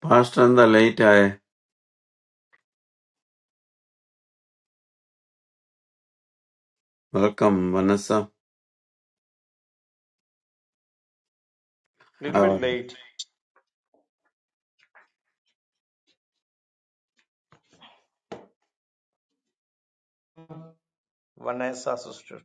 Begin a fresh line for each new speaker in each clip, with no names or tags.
Pastor and the late I welcome Vanessa.
Little bit
Uh,
late. Vanessa sister.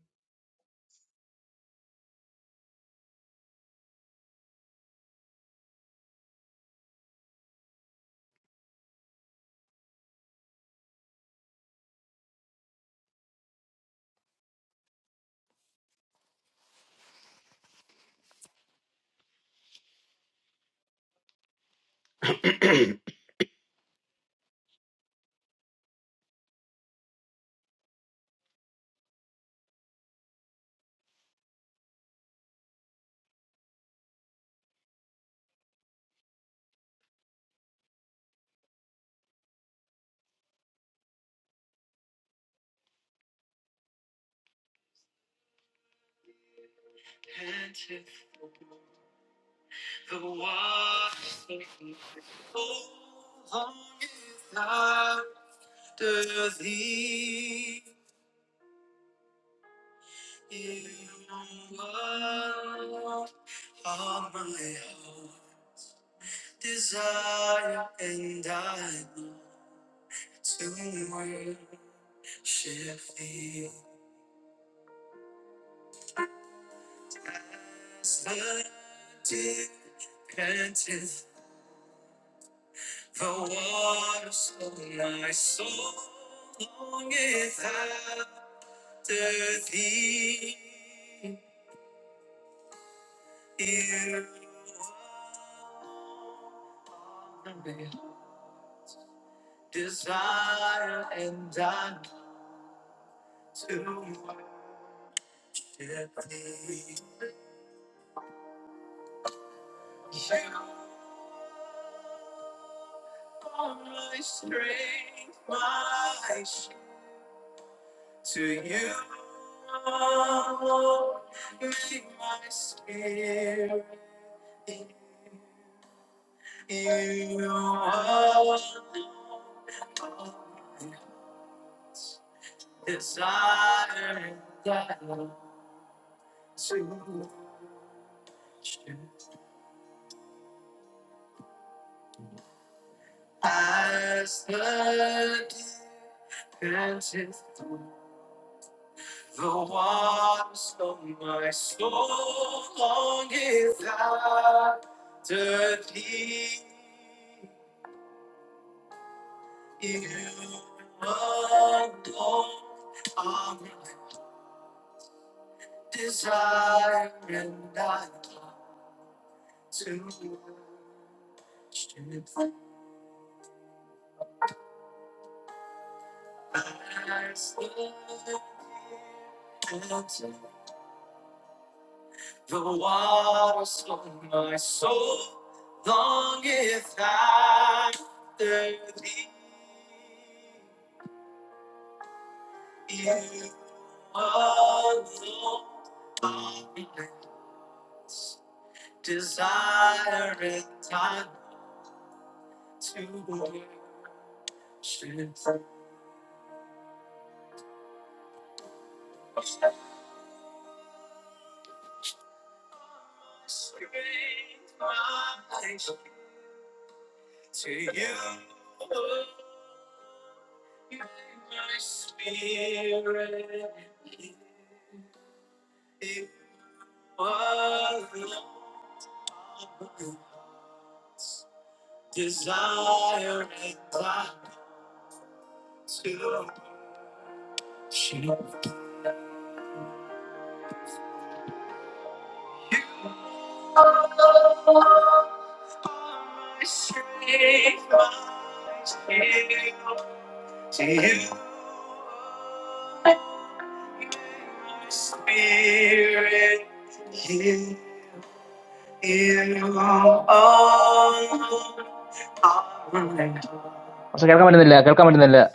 So, Kerala, I didn't like Kerala, I didn't like.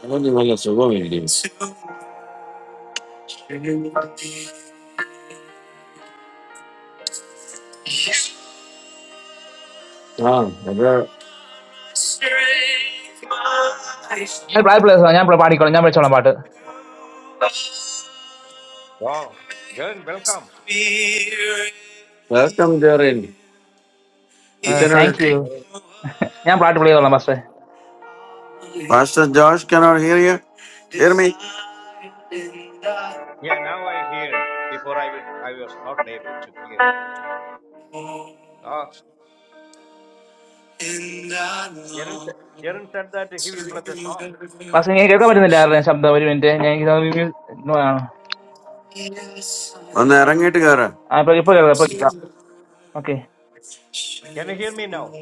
hello, Nirmala, Shubham Indians. Ah, brother,
I pray for you. So, I am proud to be a part of. I am very much honored.
Wow, Jaren, welcome.
welcome there in eternal.
Thank you.
Yeah,
I am proud to be a part of. So,
Pastor Josh cannot hear you. Hear me.
Yeah, now I hear. Before I will, I was not able to hear. Ah, Jaren, sa- Jaren said that he will play the song.
I am
ഒന്ന് ഇറങ്ങിയിട്ട് കേറ്.
very much honored. Okay.
Can you hear me now?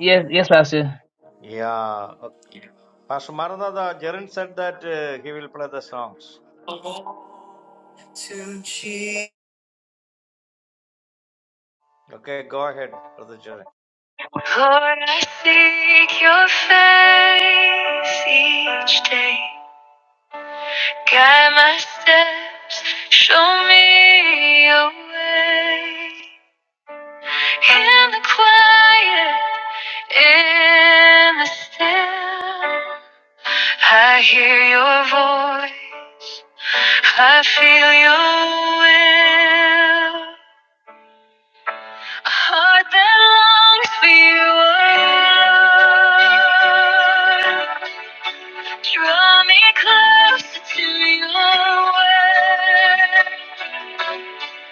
Yes, yes, Master.
Yeah. Okay. Pastor Maranatha, Jaren said that uh, he will play the songs. Okay, go ahead, Brother Jaren.
I hear your voice. I feel your will. A heart that longs for you. oh Lord. Draw me closer to your will.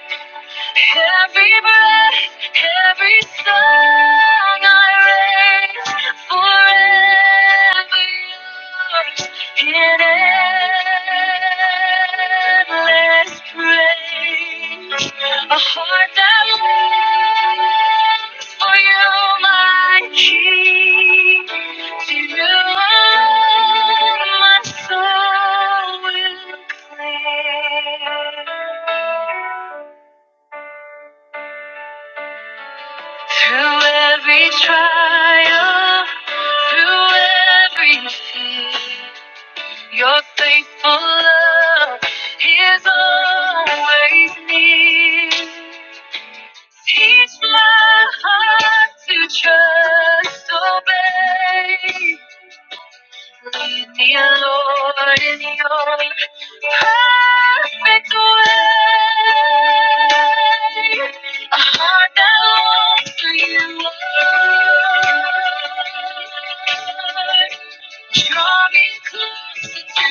Every breath, every song I raise forever yours in endless praise. A heart that longs for you, my King. To you alone my soul will cling. Through every trial, through every fear, your faithful love is always near. Teach my heart to trust, obey. Dear Lord, in your perfect way, a heart that longs for you, Lord. Draw me closer to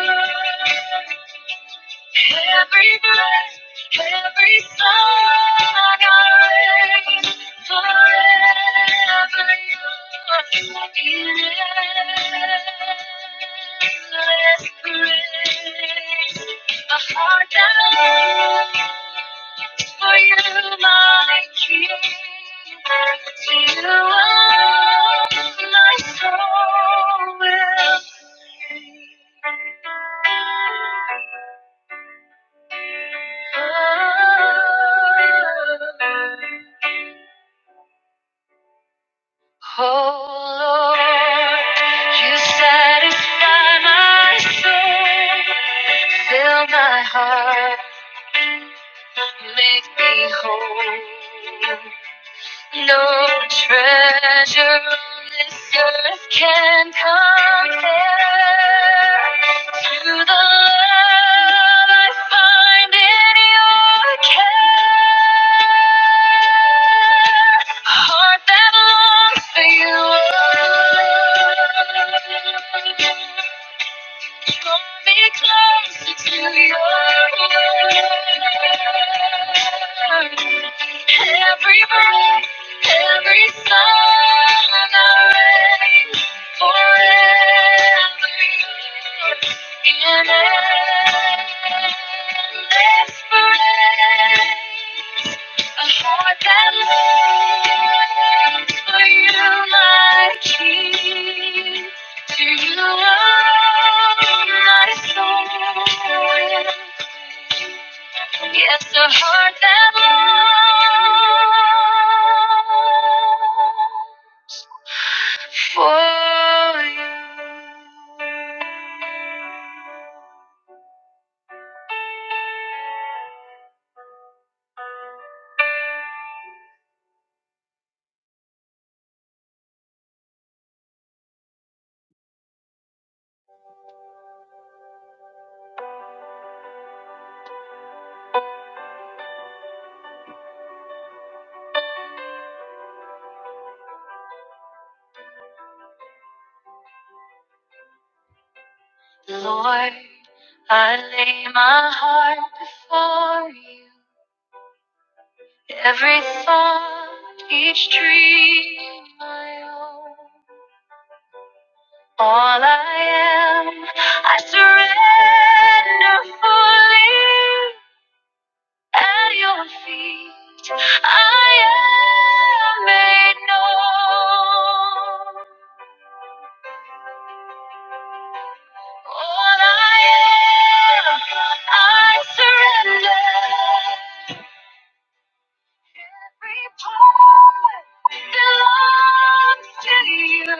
your word. Every breath, every song I raise forever you are in endless praise. A heart that longs for you, my King. To you alone, my soul will sing. Oh Lord, you satisfy my soul, fill my heart, make me whole. No treasure on this earth can compare to the love I find in your care. A Heart that longs for you. Draw me closer to your word. Every breath, every song I raise, forever yours in endless praise. A heart that longs for you, my King. To the world, not soul. Yes, a heart that longs for you. Lord, I lay my heart before you. Every thought, each dream I own. All I am, I surrender fully at your feet. I am made known. All I am, I surrender.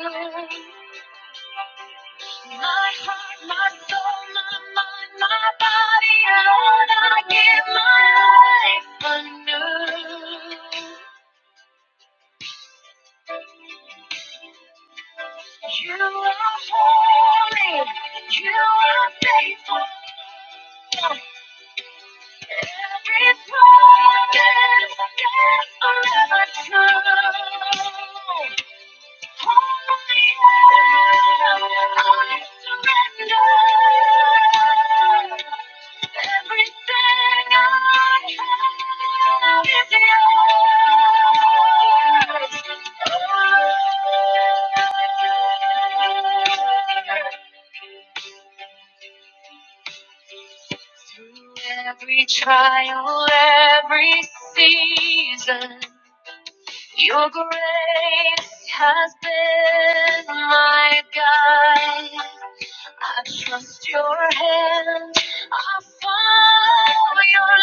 Every part belongs to you. My heart, my soul, my mind, my body, and Lord, I give my life anew. You are holy, you are faithful. Every promise is forever true. Through every trial, every season, your grace has been my guide. I trust your hand. I follow your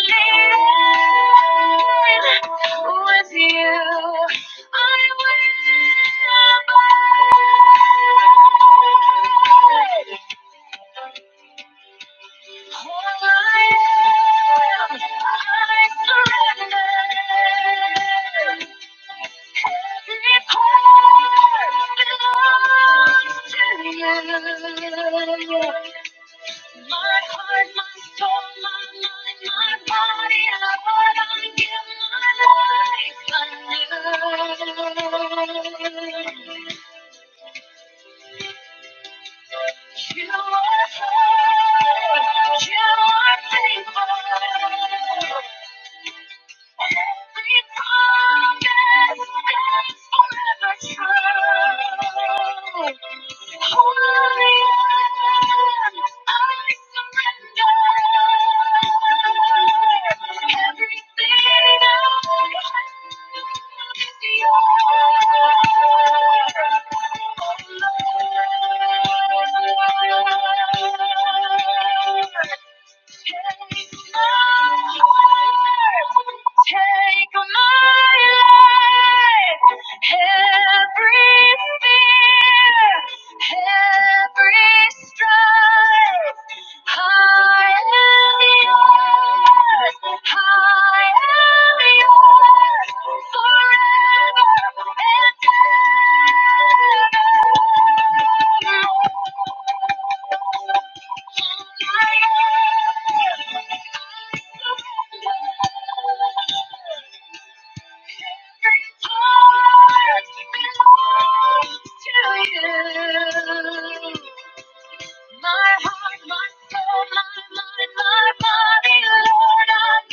lead. With you, I will abide. All I am, I surrender. Every part belongs to you. My heart, my soul, my mind, my body, Lord, I give my life anew. You are holy, you are faithful. Thank you. Take my heart, take my life, every fear, every strife. I am yours, I am yours forever and ever. My heart, my soul, my mind, my body, Lord, I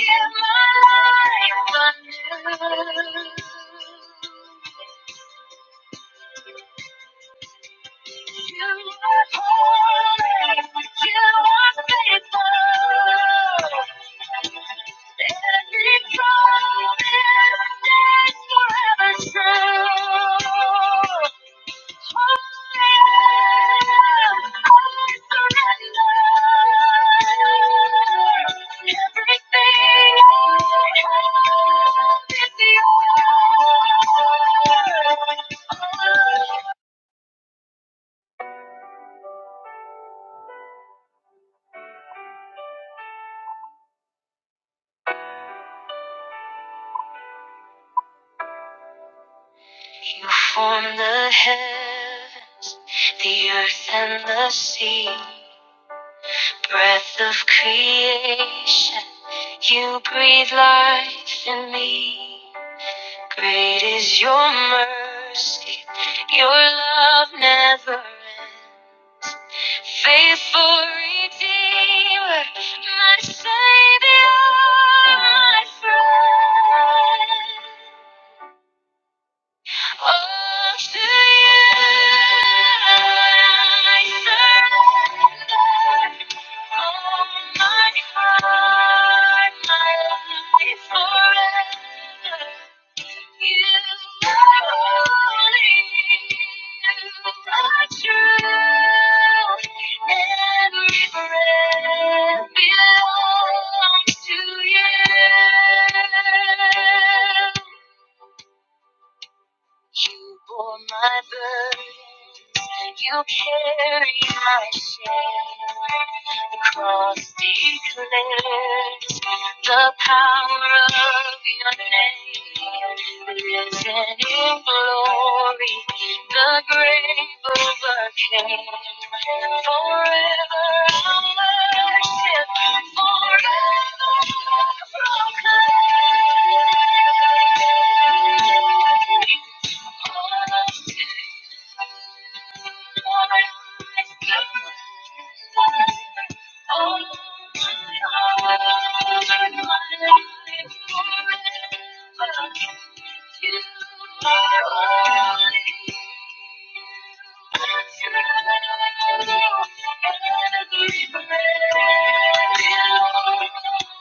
give my life anew. Everything I have is yours. You form the heavens, the earth and the sea. Breath of creation, you breathe life in me. Great is your mercy, your love never ends. Faithful Redeemer, my Savior, my friend belongs to you. You bore my burdens, you carried my shame. The cross declares the power of your name. Risen in glory, the grave overcame. Forever I'll worship, forever I'll proclaim.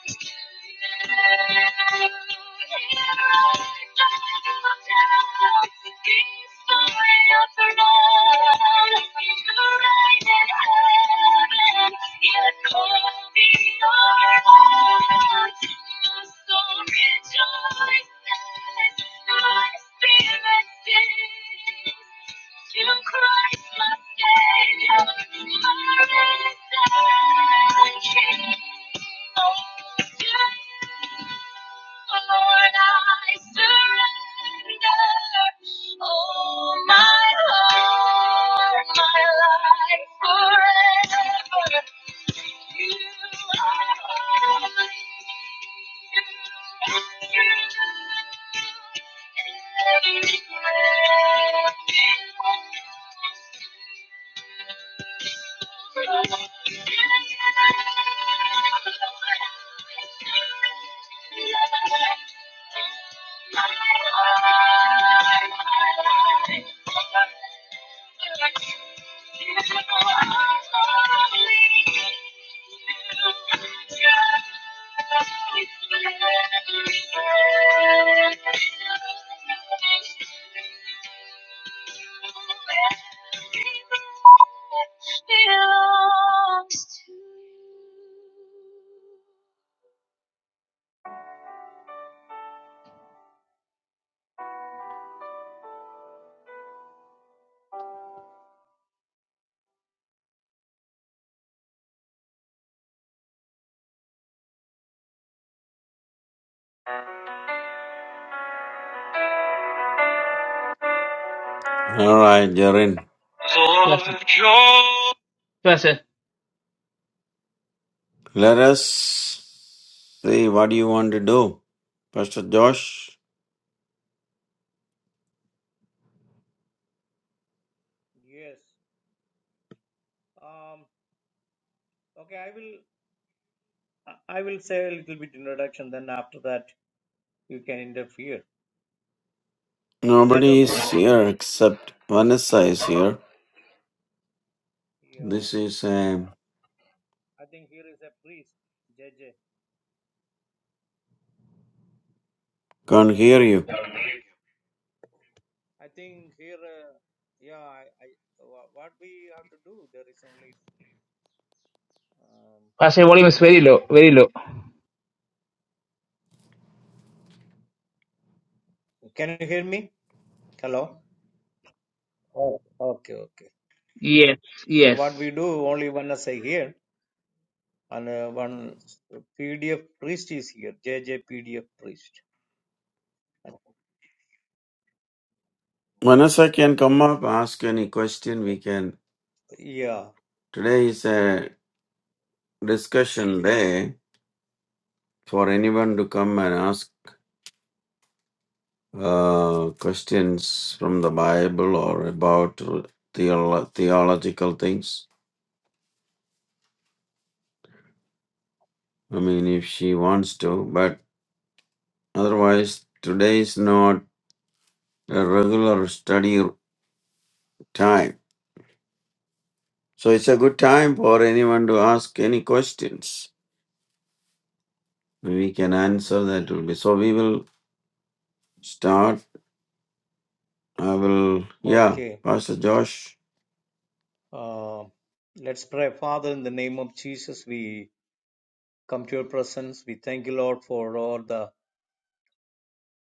Thank you. So rejoice, my spirit sings. Thank you. Thank you.
All right, Jarin.
Bless it. Bless it.
Let us see what you want to do. Pastor Josh,
Yes. Um, okay, I will I will say a little bit introduction, then after that you can interfere. Is that
nobody is
okay?
here except Vanessa is here.
Yeah.
This is, um,
I think here is a priest, J J.
can't hear you.
I think here, uh, yeah, I, I, wha- what we have to do, there is only. Um,
Pastor, your volume is very low. Very low.
can you hear me? Hello? Oh, okay, okay.
Yes.
So,
Yes.
what we do, only one essay here, and uh, one PDF priest is here, JJ PDF priest.
Manasa can come up, ask any question we can.
Yeah,
Today is a discussion day for anyone to come and ask uh, questions from the Bible or about theolo- theological things. I mean, if she wants to, but otherwise, today is not a regular study time. So it's a good time for anyone to ask any questions. We can answer that will be. So we will start I will, yeah,
okay.
Pastor Josh.
Uh, let's pray. Father, in the name of Jesus, we come to your presence. We thank you, Lord, for all the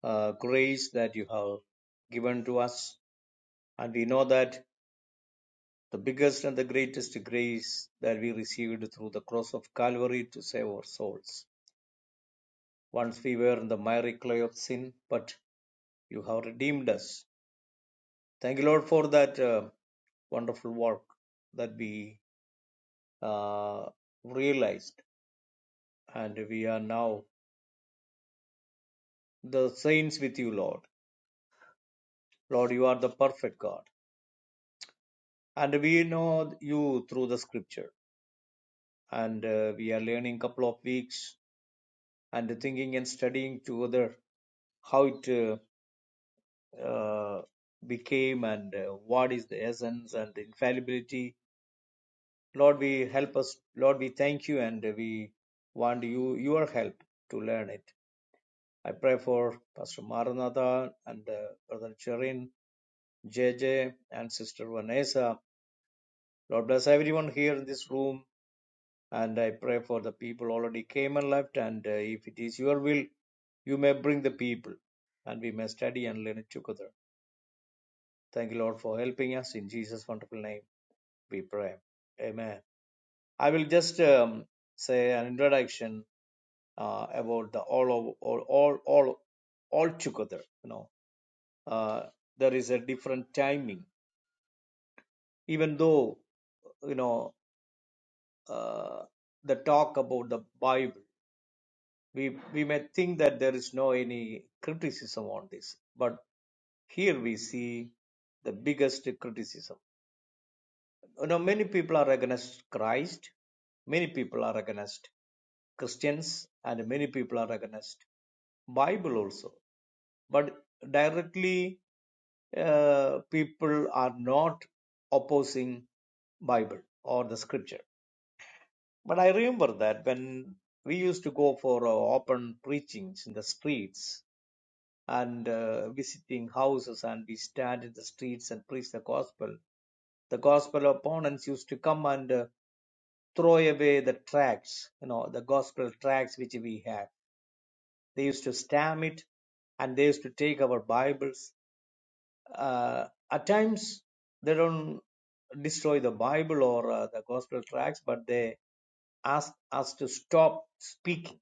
uh, grace that you have given to us. And we know that the biggest and the greatest grace that we received through the cross of Calvary to save our souls. Once we were in the miry clay of sin, but you have redeemed us. Thank you, Lord, for that uh, wonderful work that we uh, realized. And we are now the saints with you, Lord. Lord, you are the perfect God. And we know you through the scripture. And uh, we are learning a couple of weeks and thinking and studying together how it uh, uh, became and uh, what is the essence and the infallibility. Lord, we help us. Lord, we thank you and we want you your help to learn it. I pray for Pastor Maranatha and uh, Brother Cherin, J, J, and Sister Vanessa. Lord bless everyone here in this room. And I pray for the people already came and left. And uh, if it is your will, you may bring the people and we may study and learn it together. Thank you, Lord, for helping us in Jesus' wonderful name. we pray. Amen. I will just um, say an introduction uh, about the all of all all all all together. You know, uh, there is a different timing. Even though you know uh, the talk about the Bible, we we may think that there is no any criticism on this, but here we see the biggest criticism You know, many people are against Christ, many people are against Christians, and many people are against Bible also. But directly, uh, people are not opposing Bible or the Scripture. But I remember that when we used to go for uh, open preachings in the streets and uh, visiting houses, and we stand in the streets and preach the gospel. The gospel opponents used to come and uh, throw away the tracts, you know, the gospel tracts which we had. They used to stamp it and they used to take our Bibles. Uh, at times, they don't destroy the Bible or uh, the gospel tracts, but they ask us to stop speaking.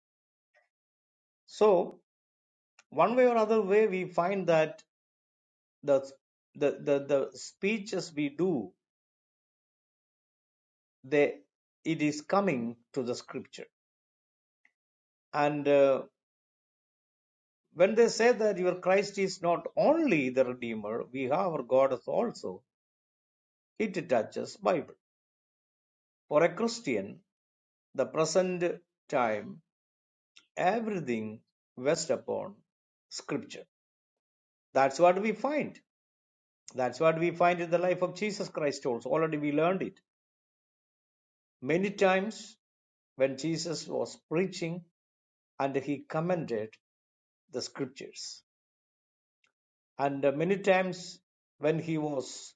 So, one way or other way, we find that the the, the, the speeches we do, they, it is coming to the scripture. And uh, when they say that your Christ is not only the Redeemer, we have our God also, it touches Bible. For a Christian, the present time, everything rests upon Scripture. That's what we find. That's what we find in the life of Jesus Christ also. Already we learned it. Many times when Jesus was preaching and he commented the Scriptures. and uh, many times when he was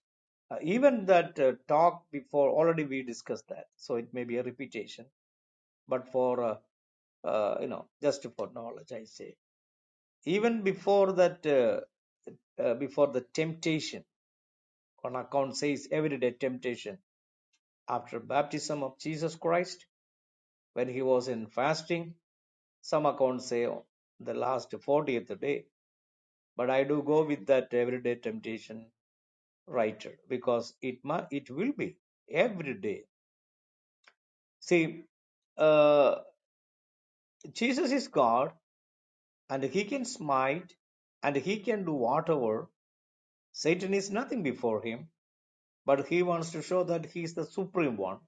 uh, even that uh, talk before already we discussed that so it may be a repetition but for uh, uh, you know just for knowledge i say even before that uh, uh, before the temptation on account says everyday temptation after baptism of jesus christ when he was in fasting some accounts say on the last 40th day but i do go with that everyday temptation righted because it ma it will be every day. See, uh, Jesus is God, and He can smite, and He can do whatever. Satan is nothing before Him, but He wants to show that He is the supreme one.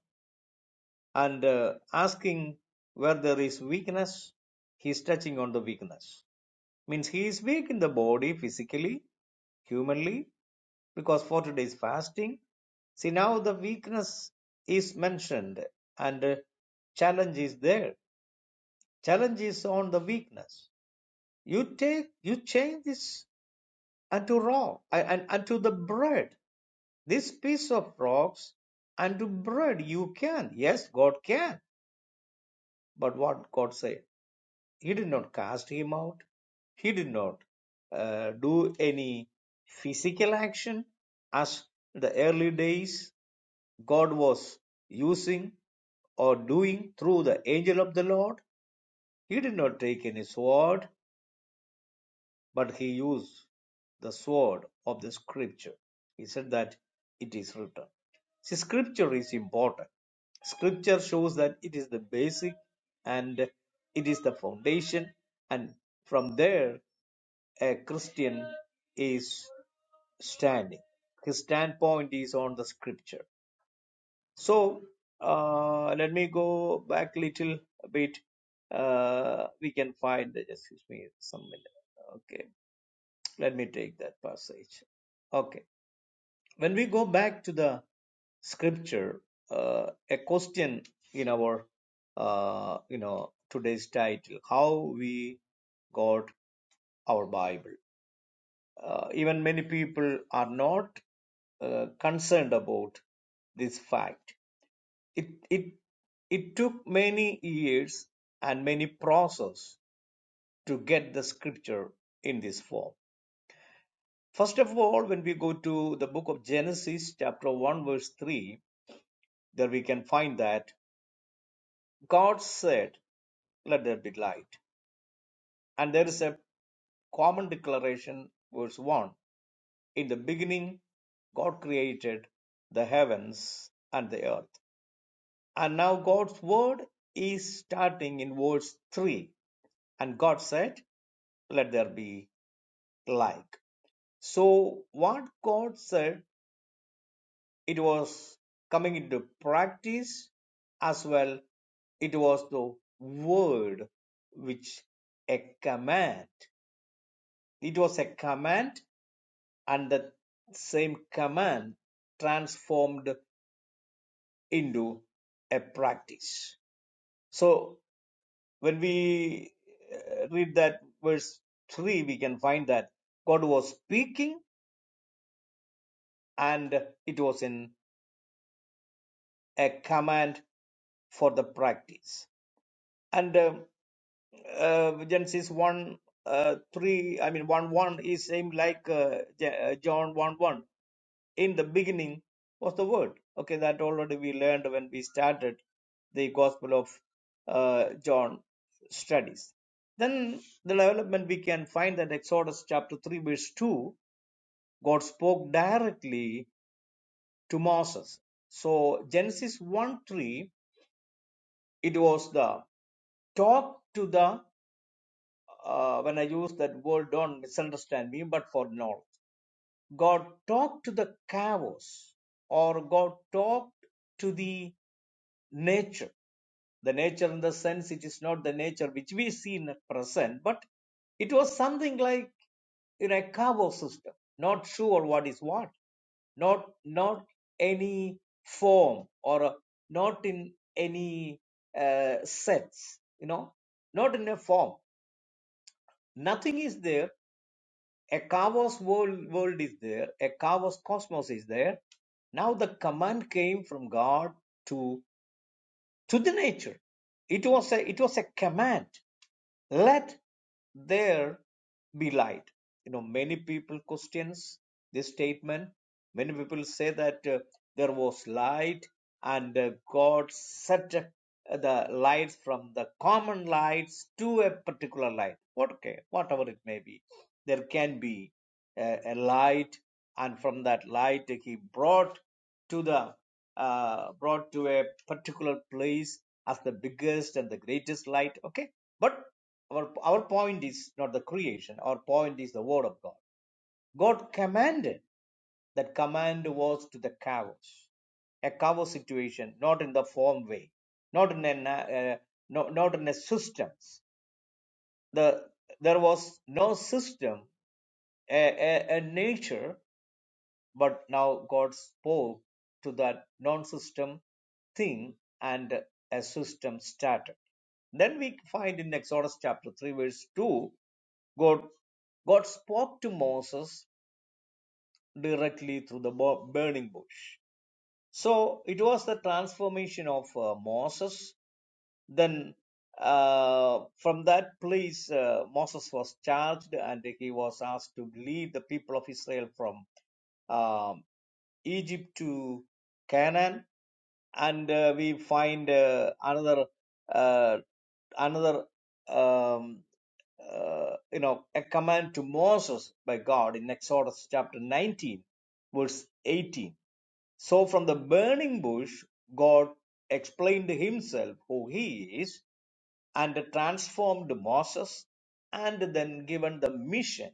And uh, asking where there is weakness, He is touching on the weakness. means he is weak in the body physically humanly because for today's fasting see now the weakness is mentioned and uh, challenge is there challenge is on the weakness you take you change this unto raw and unto the bread this piece of rocks unto bread you can yes god can but what god said He did not cast him out. He did not uh, do any physical action as the early days God was using or doing through the angel of the Lord. He did not take any sword, but he used the sword of the scripture. He said that it is written. See, scripture is important. Scripture shows that it is the basic and it is the foundation, and from there a Christian is standing. His standpoint is on the scripture. So uh, let me go back a little bit. Uh, we can find, excuse me, some minute. Okay, let me take that passage. Okay, when we go back to the scripture, uh, a question in our, uh, you know, today's title, how we got our Bible. Uh, even many people are not uh, concerned about this fact. It, it, it took many years and many process to get the scripture in this form. First of all, when we go to the book of Genesis, chapter 1, verse 3, there we can find that God said, Let there be light. And there is a common declaration, verse 1 In the beginning, God created the heavens and the earth. And now God's word is starting in verse 3. And God said, Let there be light." So, what God said, it was coming into practice as well. It was the word which a command. It was a command, and the same command transformed into a practice. So when we uh, read that verse 3, we can find that God was speaking and it was in a command for the practice. And uh, uh, Genesis 1 uh, 3, I mean, 1 1 is same like uh, Ja- uh, John 1 1. in the beginning was the word okay that already we learned when we started the gospel of uh, john studies then the development we can find that exodus chapter 3 verse 2 god spoke directly to moses so genesis 1 3 it was the talk to the uh, when i use that word don't misunderstand me but for knowledge god talked to the cows or god talked to the nature. The nature in the sense it is not the nature which we see in the present, but it was something like in a cover system, not sure what is what, not not any form or a- not in any uh, sets, you know, not in a form. Nothing is there. A Kavos world, world is there. A Kavos cosmos is there. Now the command came from God to. to the nature. It was a it was a command. Let there be light. You know, many people questions this statement. Many people say that uh, there was light and uh, God set uh, the lights from the common lights to a particular light. What okay, whatever it may be, there can be a, a light and from that light he brought to the uh, brought to a particular place as the biggest and the greatest light okay but our our point is not the creation our point is the word of god god commanded that command was to the chaos a chaos situation not in the form way not in a na- uh, no, not in a systems the there was no system a, a, a nature but now God spoke to that non system thing and a system started. Then we find in Exodus chapter 3, verse 2, God, God spoke to Moses directly through the burning bush. So it was the transformation of uh, Moses then uh, from that place, uh, Moses was charged and he was asked to lead the people of Israel from um, Egypt to Canaan. And uh, we find uh, another uh, another um, uh, you know a command to Moses by God in Exodus chapter 19, verse 18 so from the burning bush, God explained himself who he is and transformed Moses and then given the mission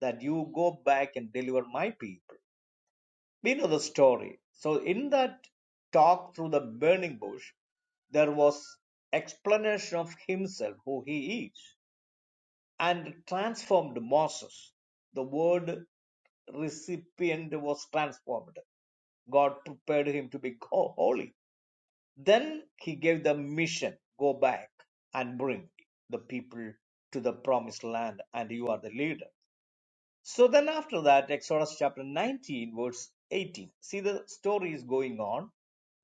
that you go back and deliver my people. We know the story. So in that talk through the burning bush, there was explanation of himself, who he is and transformed Moses. The word recipient was transformed. God prepared him to be holy. Then he gave the mission go back and bring the people to the promised land, and you are the leader. So then after that, Exodus chapter 19, verse 18. See, the story is going on.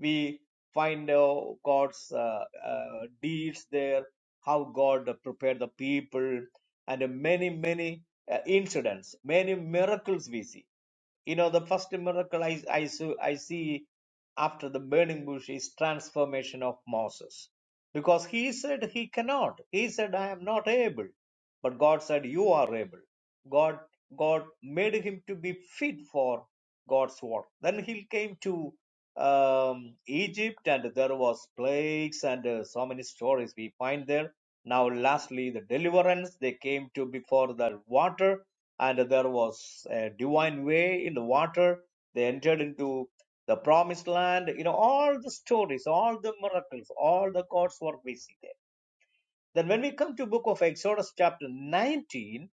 We find uh, God's uh, uh, deeds there, how God prepared the people, and uh, many, many uh, incidents, many miracles we see. You know, the first miracle I, I, saw- I see after the burning bush is transformation of Moses. Because he said he cannot. He said, I am not able. But God said, You are able. God God made him to be fit for God's work. Then he came to um, Egypt and there was plagues and uh, so many stories we find there. Now lastly the deliverance they came to before the water and there was a divine way in the water. They entered into the promised land. You know, all the stories, all the miracles, all the God's were busy there. Then when we come to book of Exodus chapter 19,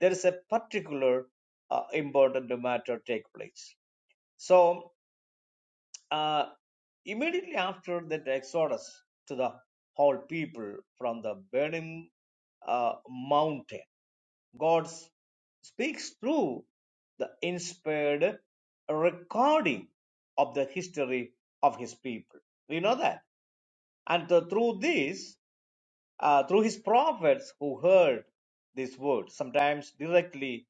there is a particular uh, important matter take place. So uh, immediately after that Exodus to the whole people from the burning uh, mountain God speaks through the inspired recording of the history of his people. We know that. And th- through this, uh, through his prophets who heard these words, sometimes directly,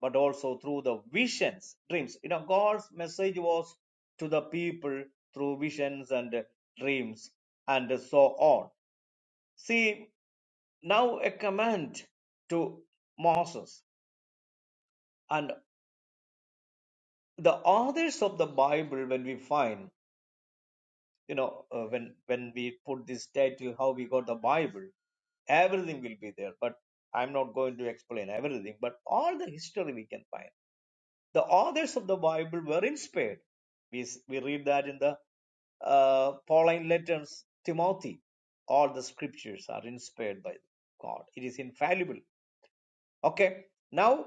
but also through the visions, dreams. You know, God's message was to the people through visions and dreams and so on. See, now a command to Moses. And the authors of the bible when we find you know uh, when when we put this title how we got the bible everything will be there but i'm not going to explain everything but all the history we can find the authors of the bible were inspired we s- we read that in the uh, pauline letters timothy all the scriptures are inspired by god it is infallible okay now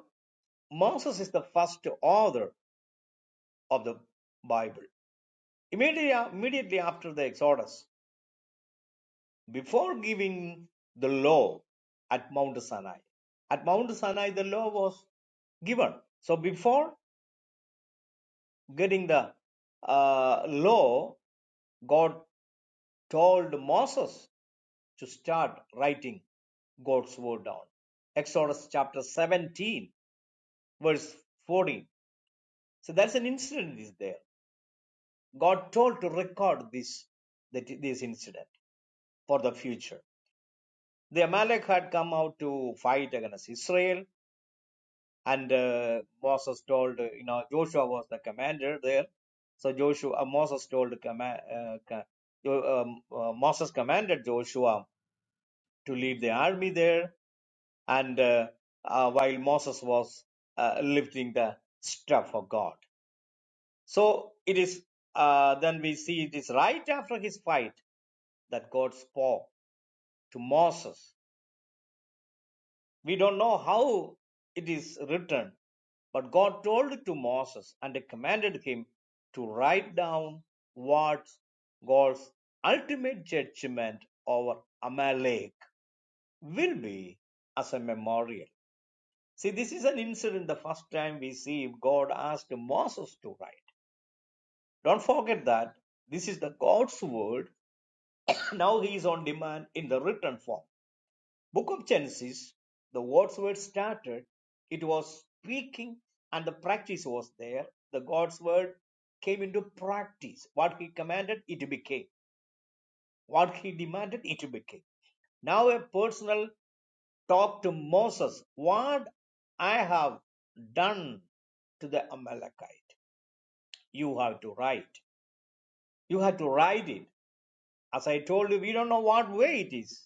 moses is the first author of the bible Immediately, immediately after the Exodus, before giving the law at Mount Sinai, at Mount Sinai the law was given. So before getting the uh, law, God told Moses to start writing God's word down. Exodus chapter 17, verse 14. So that's an incident is there. God told to record this that this incident for the future. the Amalek had come out to fight against Israel, and uh, Moses told, uh, you know, Joshua was the commander there. So Joshua, uh, Moses told, uh, comma- uh, um, uh, Moses commanded Joshua to lead the army there, and uh, uh, while Moses was uh, lifting the staff of God. So it is uh, then we see it is right after his fight that God spoke to Moses We don't know how it is written, but God told it to Moses and commanded him to write down what God's ultimate judgment over Amalek will be as a memorial. See, this is an incident the first time we see God asked Moses to write. Don't forget that this is the God's word. Now he is on demand in the written form. Book of Genesis, the God's word started, it was speaking, and the practice was there. The God's word came into practice. What he commanded, it became. What he demanded, it became. Now a personal talk to Moses. What I have done to the Amalekite. You have to write. You have to write it. As I told you, we don't know what way it is.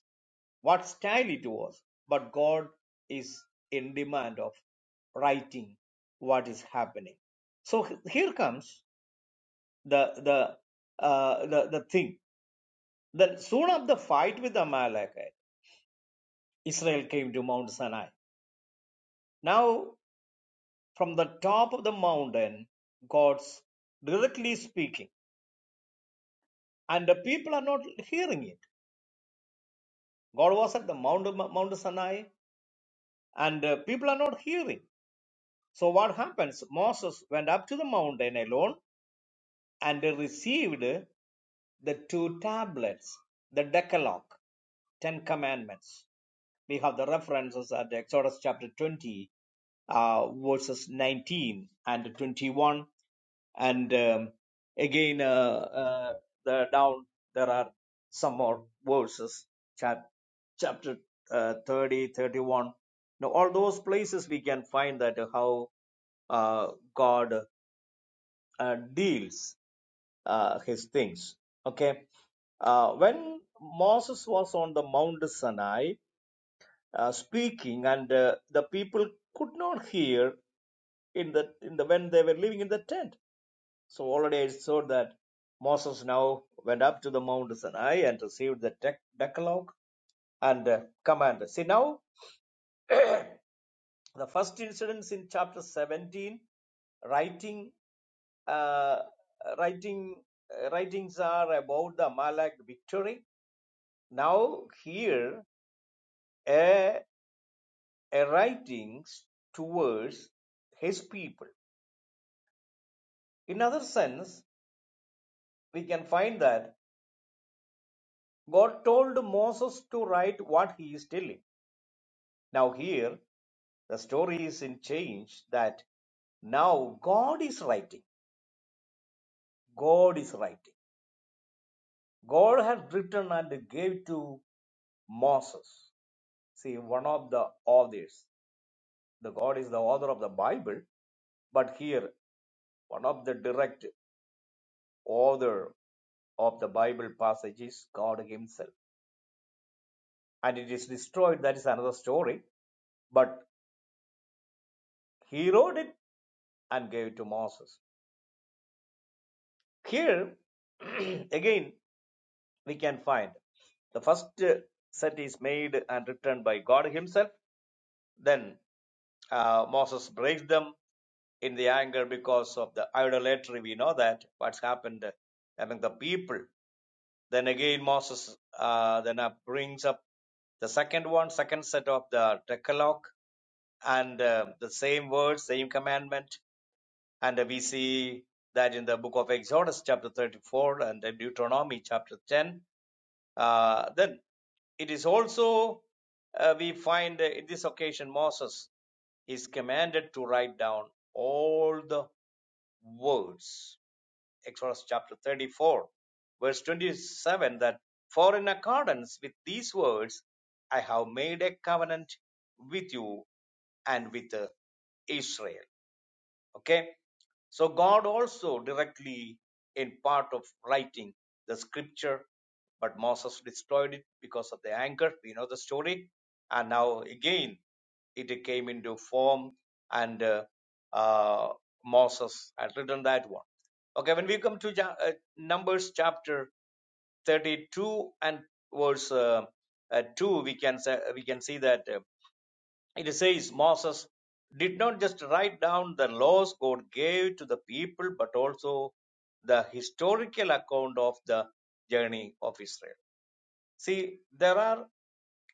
what style it was. But God is in demand of writing what is happening. So h- here comes the the uh, the, the thing. Then soon after the fight with Amalekite, Israel came to Mount Sinai. Now from the top of the mountain, God's directly speaking, and the people are not hearing it. God was at the Mount Mount Sinai, and uh, people are not hearing. So what happens? Moses went up to the mountain alone and received the two tablets, the Decalogue, Ten Commandments. We have the references at Exodus chapter 20, uh, verses 19 and 21, and um, again uh, uh, the, down there are some more verses, chap- chapter uh, 30, thirty-one. Now, all those places we can find that how uh, God uh, deals uh, his things. Okay. Uh, when Moses was on the Mount Sinai uh, speaking, and uh, the people could not hear in the in the when they were living in the tent. So already I saw that Moses now went up to the Mount Sinai and received the dec- Decalogue and uh, command. See now the first incidents in chapter 17, writing uh, writing uh, writings are about the Amalek victory Now here a, a writings towards his people. In other sense, we can find that God told Moses to write what he is telling. Now here the story is in change that now God is writing. God is writing. God had written and gave to Moses. See, one of the authors. The God is the author of the Bible, but here one of the direct author of the Bible passage is God Himself. And it is destroyed, that is another story. But He wrote it and gave it to Moses. Here, again, we can find the first uh, set is made and written by God Himself. Then uh, Moses breaks them in the anger because of the idolatry. We know that what's happened among the people. Then again, Moses uh, then uh, brings up the second one, second set of the Decalogue and uh, the same word, same commandment. And uh, we see that in the book of Exodus, chapter 34, and then Deuteronomy, chapter 10. Uh, then it is also, uh, we find uh, in this occasion, Moses is commanded to write down all the words. Exodus chapter 34, verse 27 that for in accordance with these words, I have made a covenant with you and with uh, Israel Okay. So God also directly in part of writing the scripture, but Moses destroyed it because of the anger. We know the story. And now again, it came into form and uh, uh, Moses had written that one. Okay, when we come to Ja- uh, Numbers chapter 32 and verse uh, uh, 2, we can say, we can see that. uh, it says Moses did not just write down the laws God gave to the people, but also the historical account of the journey of Israel. See, there are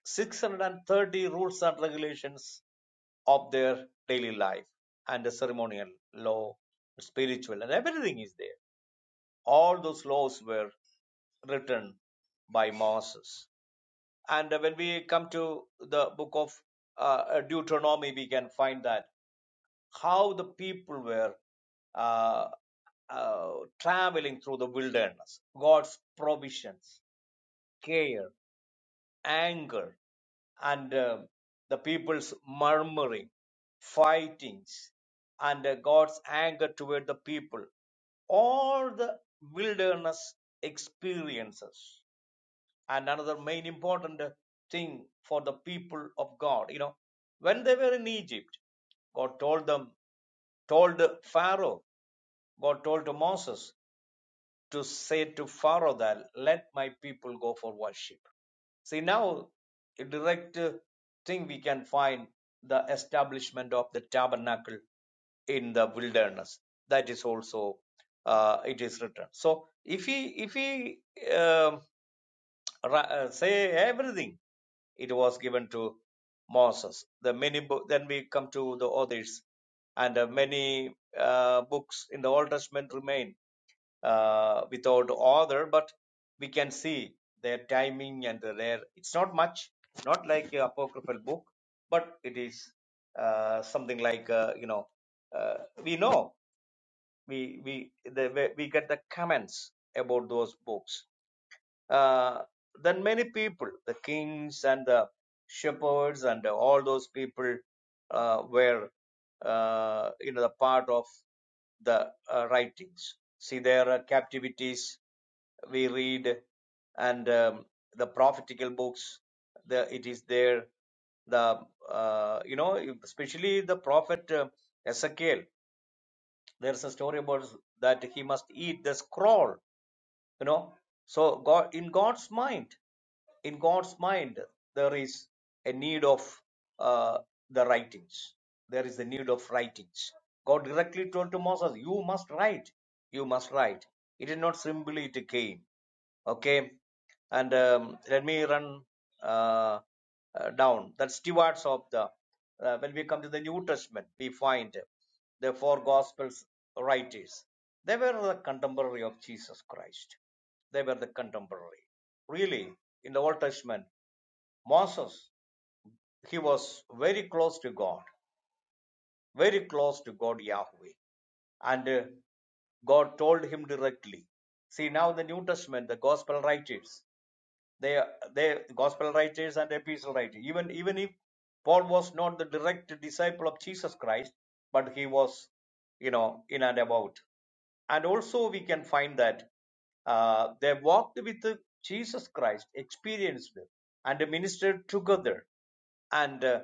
630 rules and regulations of their daily life and the ceremonial law, spiritual, and everything is there. All those laws were written by Moses. And when we come to the book of uh, Deuteronomy, we can find that how the people were uh, uh, traveling through the wilderness, God's provisions, care, anger, and uh, the people's murmuring, fightings, and uh, God's anger toward the people. All the wilderness experiences. And another main important uh, thing for the people of God, you know, when they were in Egypt, God told them, told Pharaoh, God told to Moses to say to Pharaoh that, let my people go for worship. See, now a direct uh, thing we can find the establishment of the tabernacle in the wilderness. That is also uh, it is written. So if he if he um, uh, say everything, it was given to Moses. The many bo- then we come to the others, and uh, many uh, books in the Old Testament remain uh, without order, but we can see their timing and their. It's not much, not like a apocryphal book, but it is uh, something like uh, you know uh, we know we we the, we we get the comments about those books uh, than many people. The kings and the shepherds and all those people uh, were, uh, you know, the part of the uh, writings. See their uh, captivities we read, and um, the prophetical books, the, it is there. The uh, you know, especially the prophet uh, Ezekiel. There's a story about that he must eat the scroll you know so god in god's mind in god's mind there is a need of uh, the writings there is the need of writings god directly told to moses you must write you must write it is not simply it came okay and um, let me run uh, uh, down that stewards of the uh, when we come to the new testament we find the four gospels writers they were the contemporary of jesus christ they were the contemporary really in the old testament moses he was very close to god very close to god yahweh and uh, god told him directly see now in the new testament the gospel writers they they gospel writers and epistle writers even even if paul was not the direct disciple of jesus christ but he was you know in and about and also we can find that uh, they walked with jesus christ experienced and ministered together and uh,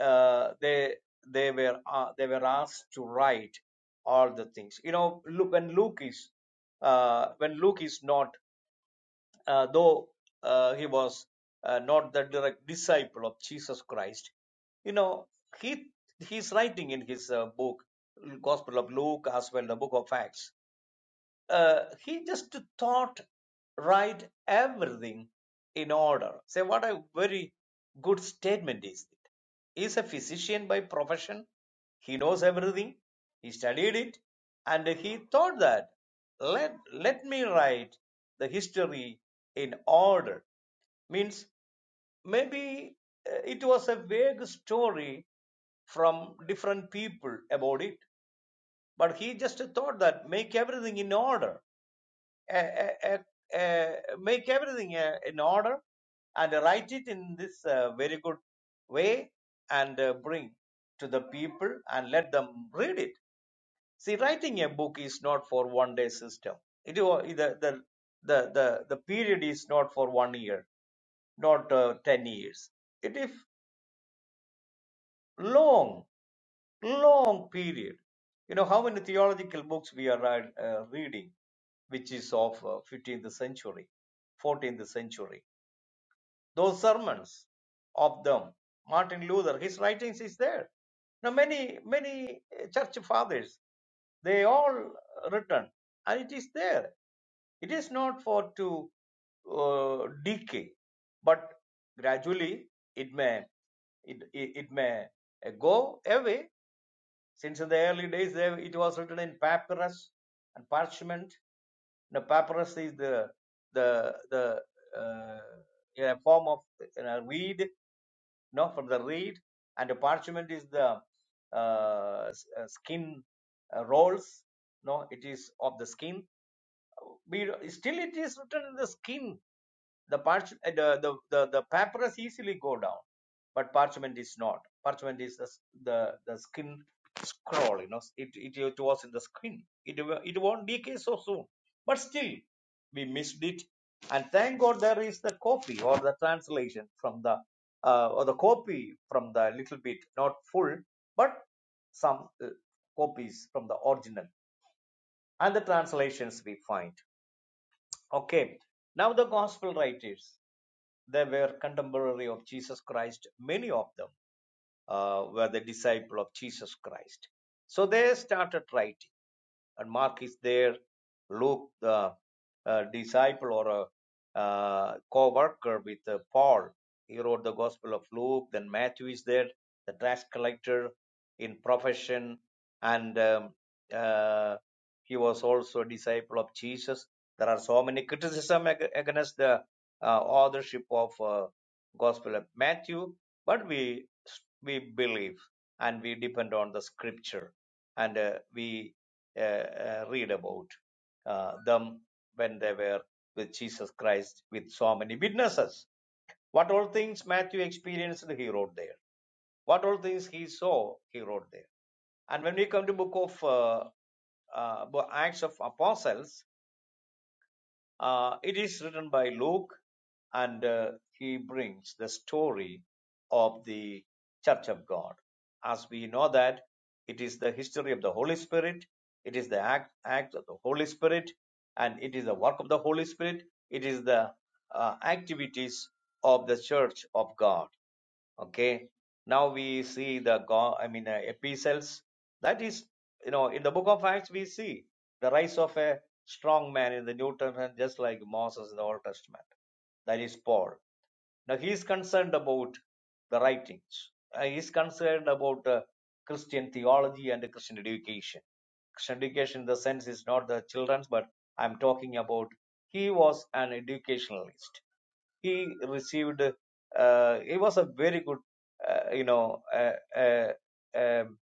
uh, they they were uh, they were asked to write all the things you know look when luke is uh, when luke is not uh, though uh, he was uh, not the direct disciple of Jesus Christ, you know, he he's writing in his uh, book, Gospel of Luke, as well the book of Acts uh, he just thought right everything in order say what a very good statement is it he's a physician by profession he knows everything he studied it and he thought that let let me write the history in order means maybe uh, it was a vague story from different people about it but he just thought that make everything in order uh, uh, uh, uh, make everything uh, in order and write it in this uh, very good way and uh, bring to the people and let them read it. See, writing a book is not for one day system. It the the the the, the period is not for one year, not uh, ten years. It is long, long period. You know how many theological books we are uh, reading, which is of uh, 15th century, 14th century those sermons of them. Martin Luther, his writings is there. Now many many uh, church fathers, they all written, and it is there. It is not for to uh, decay, but gradually it may it, it, it may uh, go away since in the early days they, it was written in papyrus and parchment. The papyrus is the the the uh, yeah, form of you know, reed, no, from the reed, and the parchment is the uh, uh, skin uh, rolls. No, it is of the skin, we, still it is written in the skin. The, parch, uh, the, the, the, papyrus easily go down, but parchment is not. Parchment is the, the, the skin scroll, you know, it, it, it was in the skin. It, it won't decay so soon. But still, we missed it. And thank God there is the copy or the translation from the, uh, or the copy from the little bit, not full, but some uh, copies from the original and the translations we find. Okay, now the gospel writers, they were contemporary of Jesus Christ. Many of them uh, were the disciple of Jesus Christ. So they started writing and Mark is there, Luke, the uh, disciple or a uh, co worker with uh, Paul. He wrote the Gospel of Luke. Then Matthew is there, the tax collector in profession, and um, uh, he was also a disciple of Jesus. There are so many criticism ag- against the uh, authorship of uh, Gospel of Matthew, but we we believe and we depend on the Scripture, and uh, we uh, uh, read about uh, them when they were with Jesus Christ with so many witnesses. What all things Matthew experienced, he wrote there. What all things he saw, he wrote there. And when we come to book of uh, uh, Acts of Apostles, uh, it is written by Luke, and uh, he brings the story of the Church of God. As we know that it is the history of the Holy Spirit, it is the act, act of the Holy Spirit, and it is the work of the Holy Spirit, it is the uh, activities of the Church of God okay now we see the go- i mean uh, epistles that is you know in the book of acts we see the rise of a strong man in the new testament just like moses in the old testament that is paul now he is concerned about the writings Uh, he is concerned about uh, christian theology and christian education christian education in the sense is not the children's but i'm talking about he was an educationalist he received uh, he was a very good uh, you know uh, uh, um,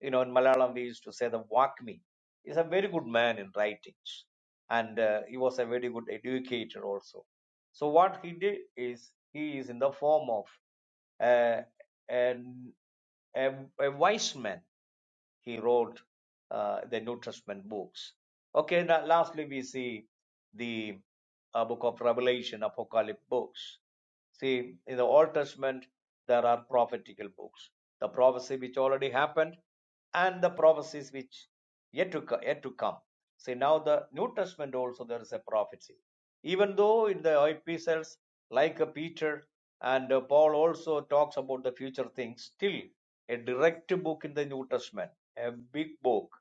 you know in malayalam we used to say the wakmi he's a very good man in writings and uh, he was a very good educator also so what he did is he is in the form of uh, a, a wise man. He wrote uh, the New Testament books. Okay, now lastly, we see the uh, book of Revelation, Apocalypse books. See, in the Old Testament, there are prophetical books. The prophecy which already happened, and the prophecies which yet to yet to come. See now the New Testament also there is a prophecy. Even though in the epistles like uh, Peter and uh, Paul also talks about the future things, still a direct book in the New Testament, a big book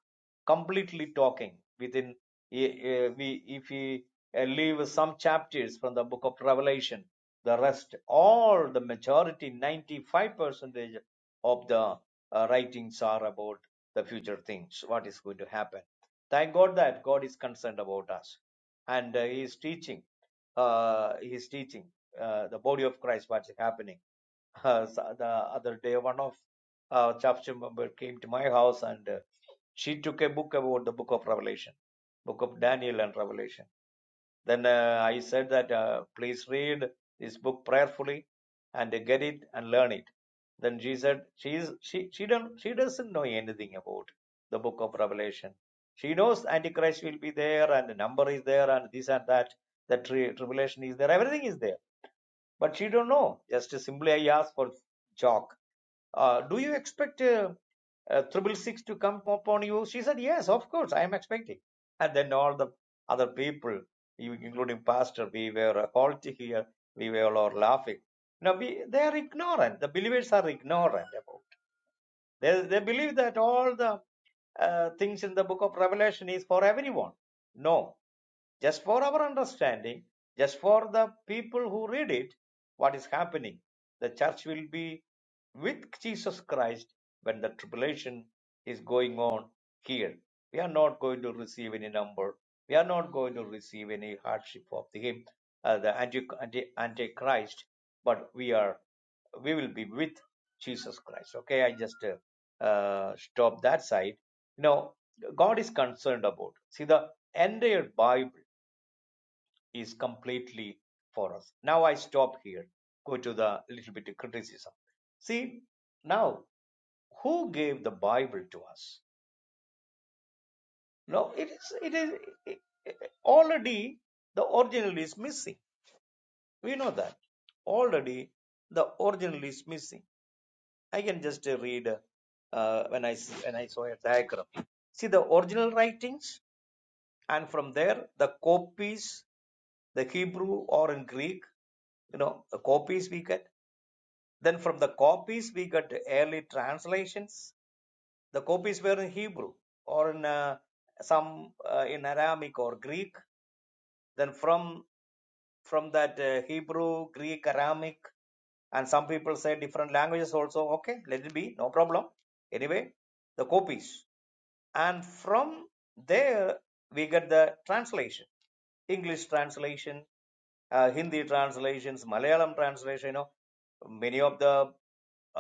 completely talking within eh, eh, we if we eh, leave some chapters from the book of revelation the rest all the majority 95 percent of the uh, writings are about the future things what is going to happen thank god that god is concerned about us and uh, he is teaching uh, he is teaching uh, the body of christ what is happening uh, so the other day one of uh, church member came to my house and uh, she took a book about the book of revelation book of daniel and revelation then uh, i said that uh, please read this book prayerfully and uh, get it and learn it then she said she is she she don't she doesn't know anything about the book of revelation she knows antichrist will be there and the number is there and this and that the tri- tribulation is there everything is there but she don't know just simply i asked for chalk uh, do you expect uh, uh, triple six to come upon you? She said, yes, of course, I am expecting. And then all the other people, including pastor, we were uh, halting here, we were all laughing. Now, we, they are ignorant. The believers are ignorant. About. They, they believe that all the uh, things in the book of Revelation is for everyone. No, just for our understanding, just for the people who read it, what is happening? The church will be with Jesus Christ when the tribulation is going on here. We are not going to receive any number. We are not going to receive any hardship of the him, uh, the anti, anti, antichrist, but we are, we will be with Jesus Christ. Okay, I just uh, uh, stop that side. You know, God is concerned about. See the entire Bible is completely for us. Now I stop here. Go to the little bit of criticism. See, now who gave the Bible to us? No, it is it is it- it- already the original is missing. We know that already the original is missing. I can just uh, read uh, uh, when I s- when I saw a diagram. See the original writings. and from there the copies the hebrew or in greek you know the copies we get then from the copies we get early translations the copies were in hebrew or in uh, some uh, in aramaic or greek then from from that uh, hebrew greek aramaic and some people say different languages also okay let it be no problem anyway the copies and from there we get the translation english translation uh, hindi translations malayalam translation you know many of the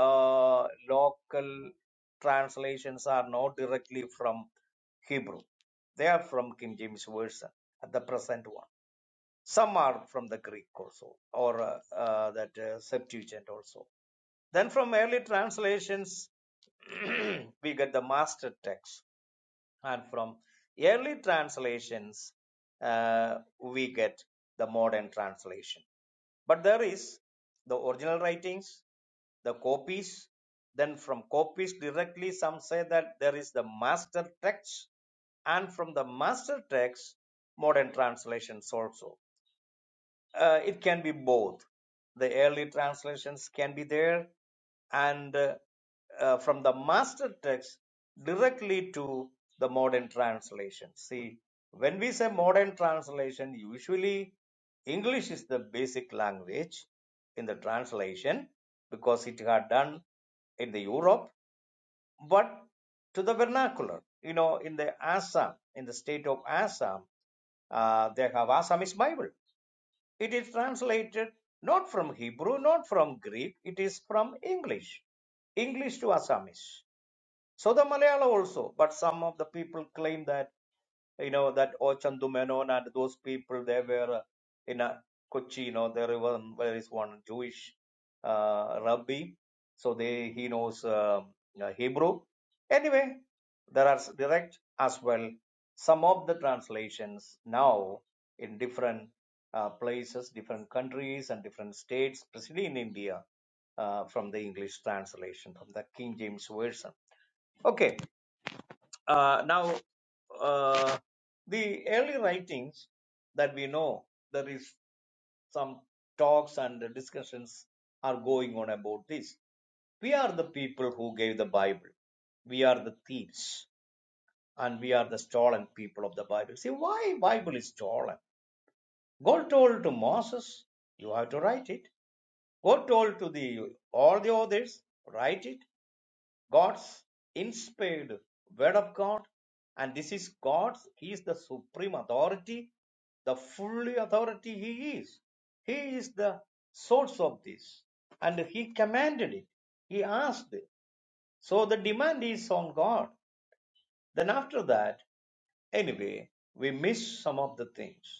uh, local translations are not directly from hebrew they are from king james version the present one some are from the greek also or uh, uh, that uh, septuagint also then from early translations we get the master text and from early translations uh, we get the modern translation but there is the original writings the copies then from copies directly some say that there is the master text and from the master text modern translations also uh, it can be both. The early translations can be there, and uh, uh, from the master text directly to the modern translation. See, when we say modern translation, usually English is the basic language in the translation because it had done in the Europe, but to the vernacular, you know, in the Assam, in the state of Assam, uh, they have Assamese Bible it is translated not from Hebrew, not from Greek, it is from English. English to Assamese. So the Malayalam also, but some of the people claim that you know that Ochandu Menon and those people they were in a Kochi, you know, there was there is one Jewish uh, rabbi, so they he knows um, uh, Hebrew. Anyway, there are direct as well. Some of the translations now in different uh, places, different countries, and different states, especially in India, uh, from the English translation from the King James version. Okay, uh, now, uh, the early writings that we know, there is some talks and discussions are going on about this. We are the people who gave the Bible. We are the thieves and we are the stolen people of the Bible. See, why Bible is stolen? God told to Moses, you have to write it. God told to the all the others, write it. God's inspired word of God, and this is God's, He is the supreme authority, the fully authority He is. He is the source of this, and He commanded it, He asked it. So the demand is on God. Then, after that, anyway, we miss some of the things.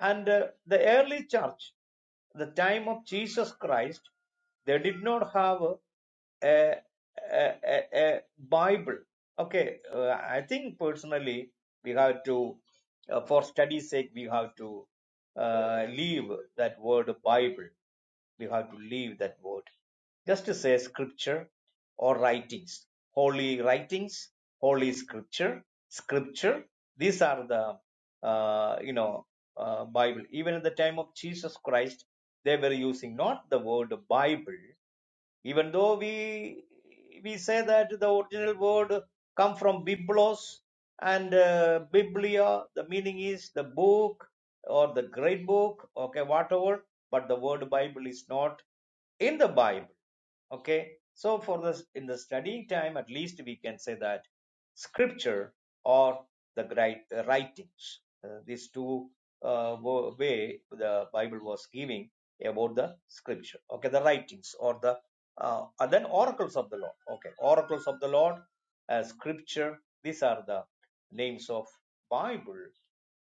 And uh, the early church, the time of Jesus Christ, they did not have a, a, a, a Bible. Okay, uh, I think personally we have to, uh, for study's sake, we have to uh, leave that word Bible. You have to leave that word. Just say scripture or writings. Holy writings, holy scripture, scripture. These are the, uh, you know, uh, Bible. Even at the time of Jesus Christ, they were using not the word Bible, even though we we say that the original word come from biblos and uh, biblia the meaning is the book or the great book okay whatever but the word bible is not in the bible okay so for this in the studying time at least we can say that scripture or the great uh, writings Uh, these two uh, way the bible was giving about the scripture okay the writings or the uh, and then oracles of the Lord. Okay, oracles of the Lord, uh, scripture. These are the names of Bible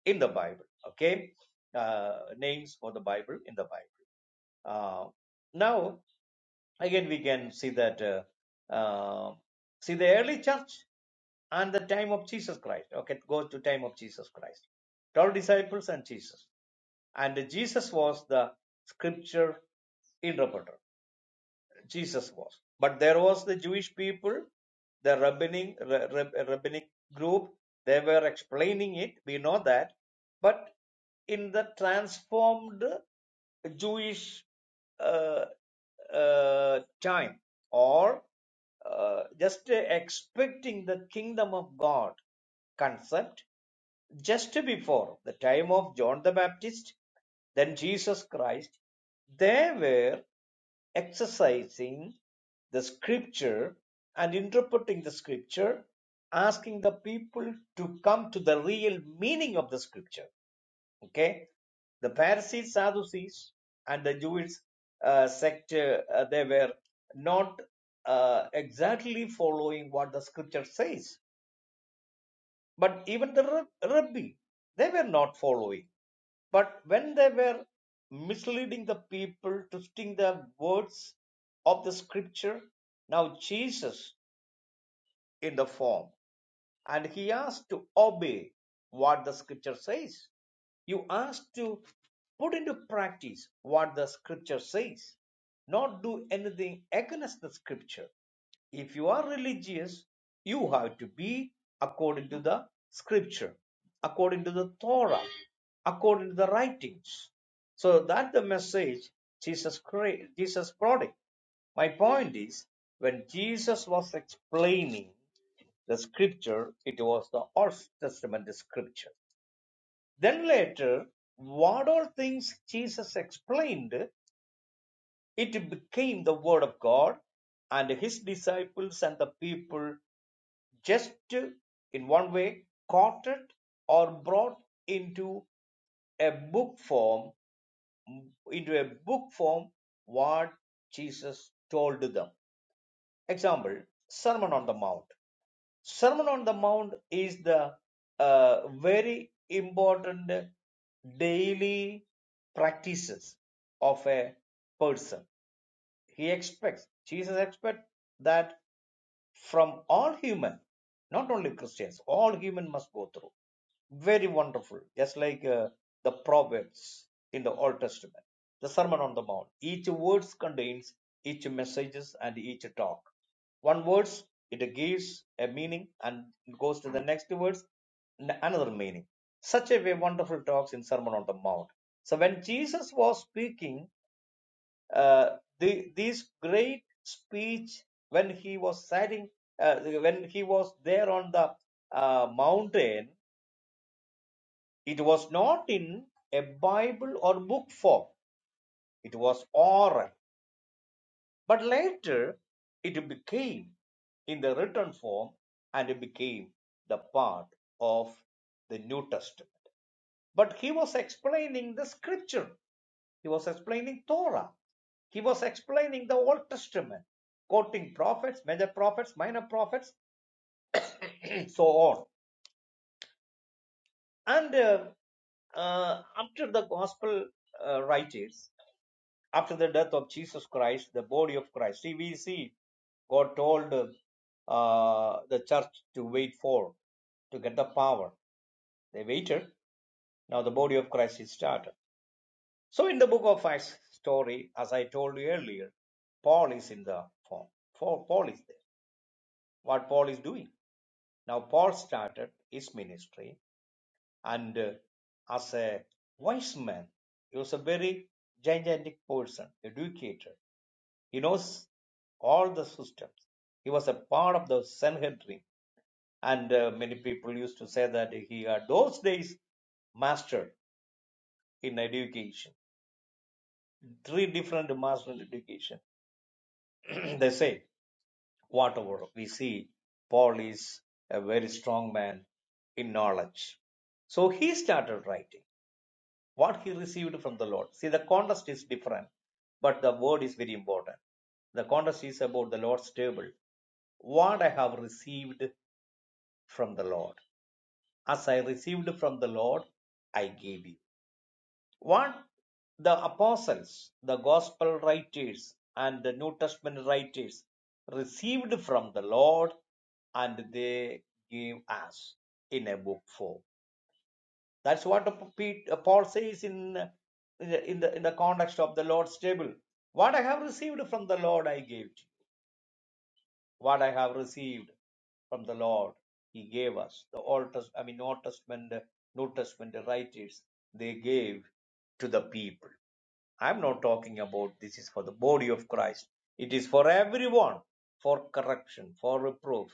in the Bible. Okay, uh, names for the Bible in the Bible. Uh, now again, we can see that uh, uh, see the early church and the time of Jesus Christ. Okay, go to time of Jesus Christ. Twelve disciples and Jesus, and Jesus was the scripture interpreter. Jesus was. But there was the Jewish people, the rabbinic, rabbinic group, they were explaining it. We know that. But in the transformed Jewish uh, uh, time or uh, just expecting the kingdom of God concept, just before the time of John the Baptist, then Jesus Christ, they were exercising the scripture and interpreting the scripture, asking the people to come to the real meaning of the scripture. Okay, the Pharisees, Sadducees, and the Jewish uh, sect, uh, they were not uh, exactly following what the scripture says but even the Rab- Rabbi, they were not following. But when they were misleading the people, twisting the words of the scripture, now Jesus in the form and he asked to obey what the scripture says. You ask to put into practice what the scripture says, not do anything against the scripture. If you are religious, you have to be according to the scripture, according to the Torah, according to the writings. So that the message Jesus Christ, Jesus brought it. My point is when Jesus was explaining the scripture, it was the Old Testament scripture. Then later, what all things Jesus explained, it became the Word of God, and his disciples and the people just in one way caught it or brought into a book form, into a book form what Jesus told them. Example Sermon on the Mount. Sermon on the Mount is the uh, very important daily practices of a person. He expects, Jesus expects that from all human, not only Christians, all human must go through. Very wonderful, just like uh, the prophets in the Old Testament, the Sermon on the Mount. Each words contains each messages and each talk. One words it gives a meaning and goes to the next words n- another meaning. Such a way wonderful talks in Sermon on the Mount. So when Jesus was speaking uh, the, this great speech when he was sitting uh, when he was there on the uh, mountain it was not in a bible or book form it was oral but later it became in the written form and it became the part of the new testament but he was explaining the scripture He was explaining Torah. He was explaining the Old Testament, quoting prophets, major prophets, minor prophets, so on. And uh, uh, after the gospel uh, writers, after the death of Jesus Christ, the body of Christ, see, we see God told uh, the church to wait for, to get the power. They waited. Now the body of Christ is started. So in the book of Acts story, as I told you earlier, Paul is in the form. Paul Paul is there. What Paul is doing now? Paul started his ministry, and uh, as a wise man, he was a very gigantic person, educated. He knows all the systems. He was a part of the Sanhedrin, and uh, many people used to say that he had those days master in education, three different master in education. they say whatever we see, Paul is a very strong man in knowledge. So he started writing what he received from the Lord. See, the context is different, but the word is very important. The context is about the Lord's table. What I have received from the Lord. As I received from the Lord, I gave you. What the apostles, the gospel writers, and the New Testament writers received from the Lord and they gave us in a book form. That's what Pete- uh, Paul says in, in, the, in, the, context of the Lord's table. What I have received from the Lord, I gave to what I have received from the Lord. He gave us the Old Test, I mean, Old Testament, New Testament writers. They gave to the people. I'm not talking about this is for the body of Christ. It is for everyone, for correction, for reproof.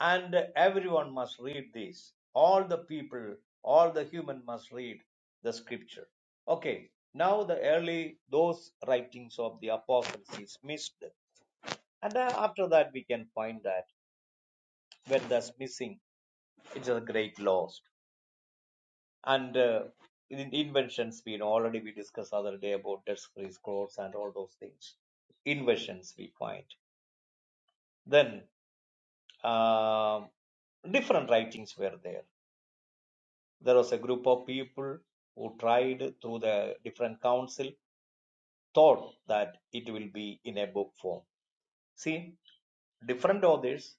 And everyone must read this. All the people, all the human must read the scripture. Okay, now the early, those writings of the apostles is missed. And uh, after that, we can find that when that's missing, it's a great loss. And uh, in inventions, we know already we discussed other day about debt free scrolls and all those things. Inventions we find. Then um, different writings were there. There was a group of people who tried through the different council, thought that it will be in a book form. See, different others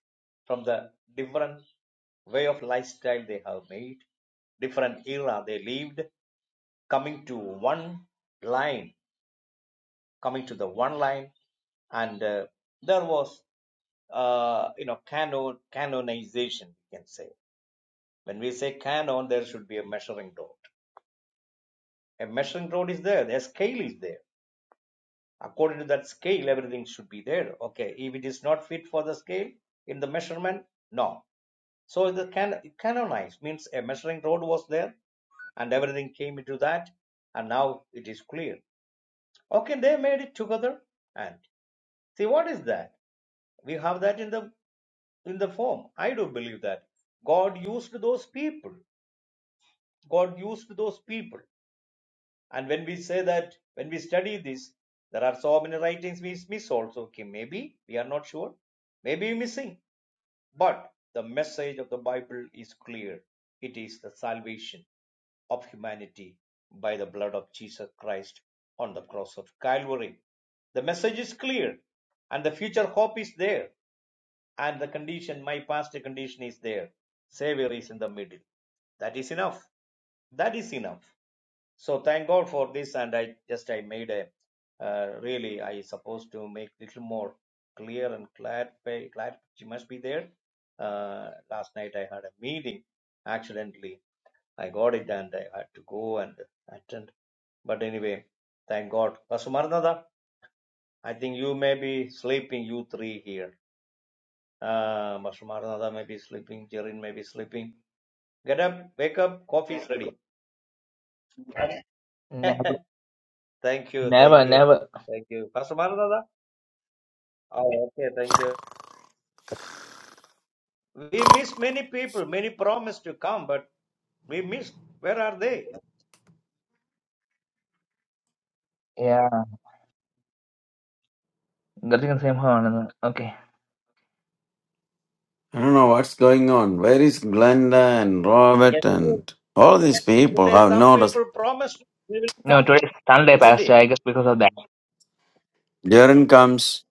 from the different way of lifestyle they have made, different era they lived, coming to one line, coming to the one line, and uh, there was uh, you know canon canonization we can say. When we say canon, there should be a measuring rod. A measuring rod is there. A scale is there. According to that scale, everything should be there. Okay, if it is not fit for the scale in the measurement, no. So the can canonized means a measuring rod was there, and everything came into that, and now it is clear. Okay, they made it together, and see what is that? We have that in the in the form. I do believe that God used those people. God used those people, and when we say that, when we study this, there are so many writings we miss also. Okay, maybe we are not sure, maybe missing, but the message of the Bible is clear. It is the salvation of humanity by the blood of Jesus Christ on the cross of Calvary. The message is clear and the future hope is there and the condition, my past condition is there. Savior is in the middle. That is enough. That is enough. So thank God for this and I just, I made a, uh, really, I supposed to make little more clear and clarify, clarity must be there. Uh, last night I had a meeting accidentally I got it and I had to go and attend. But anyway, thank God. Pastor Maranatha, I think you may be sleeping, you three here. Uh, Pastor Maranatha may be sleeping, Jerin may be sleeping. Get up, wake up, coffee is ready.
Never.
thank you,
Never.
thank you,
Never.
thank you. Pastor Maranatha? Oh, okay, thank you. We miss many people, many promised to come, but we missed. Where are they?
Yeah. That is the same horn. Okay.
I don't know what's going on. Where is Glenda and Robert
Yesterday,
and all these people
Today,
have
some
noticed?
people promised they will
No,
come,
today is Sunday,
isn't
Pastor.
it?
I guess because of that.
Jaren comes,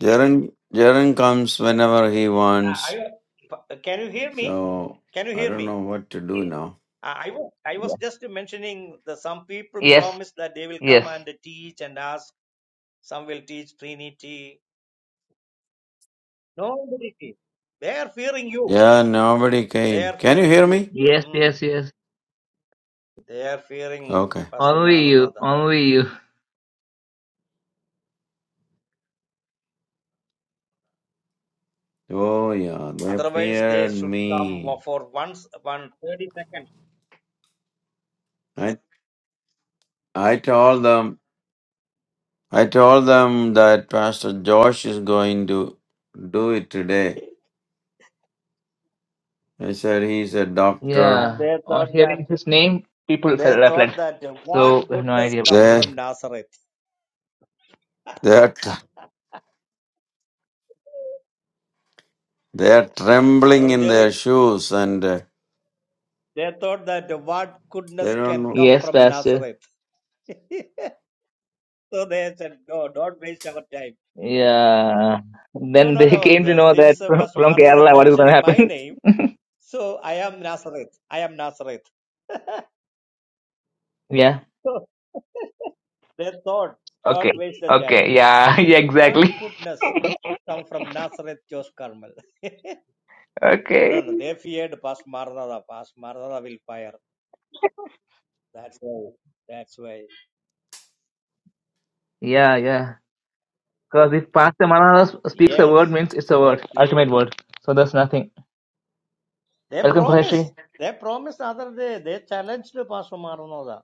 Jaren, Jaren comes whenever he
Uh,
wants.
I, can you hear me?
So
Can you
I
hear
don't
me?
know what to do now.
Uh, I was I was just mentioning that some people
Yes,
promise that they will
yes,
come and teach and ask. Some will teach Trinity. Nobody teach. They are fearing you.
Yeah, nobody
They
came.
are
Can you
fearing
hear
you.
me?
yes,
Mm.
yes, yes.
They are fearing
Okay.
Pastor
Only you,
Maranatha.
only you.
Oh yeah, they
Otherwise, they
feared
should come
me.
for once one thirty seconds.
I I told them I told them that Pastor Josh is going to do it today. I said he's a doctor.
And
Yeah.
they
On
thought
hearing
that
his name, people
they
fell
thought
reflect.
that
So
what
I have no
goodness
idea.
come
They
from Nazareth.
they're tr- they're trembling
Brother
in their
Jared.
shoes and uh,
They thought that what
they
goodness
don't
can
know.
come
Yes,
from
Pastor.
Nazareth. so they said, no, don't waste our time.
Yeah.
No,
Then
no,
they
no.
came to
uh,
know that
Since uh,
from,
Pastor
from
Maranatha
Kerala, what is gonna
mentioned
happen?
my name, so I am Nazareth. I am Nazareth.
Yeah.
so they thought,
Okay.
don't waste the time.
Okay. Yeah. Yeah.
What
Exactly.
goodness come from Nazareth, Josh Carmel? no,
Okay.
no, they feared Pastor Maranatha. Pastor Maranatha will fire. That's why. That's why.
Yeah. Yeah. Because if Pastor Manalas speaks a
Yes,
word, means it's a
they
word,
feared.
ultimate word. So there's nothing.
They
Welcome,
promised.
Qureshi.
They promised other day. They challenged Pastor Maranatha.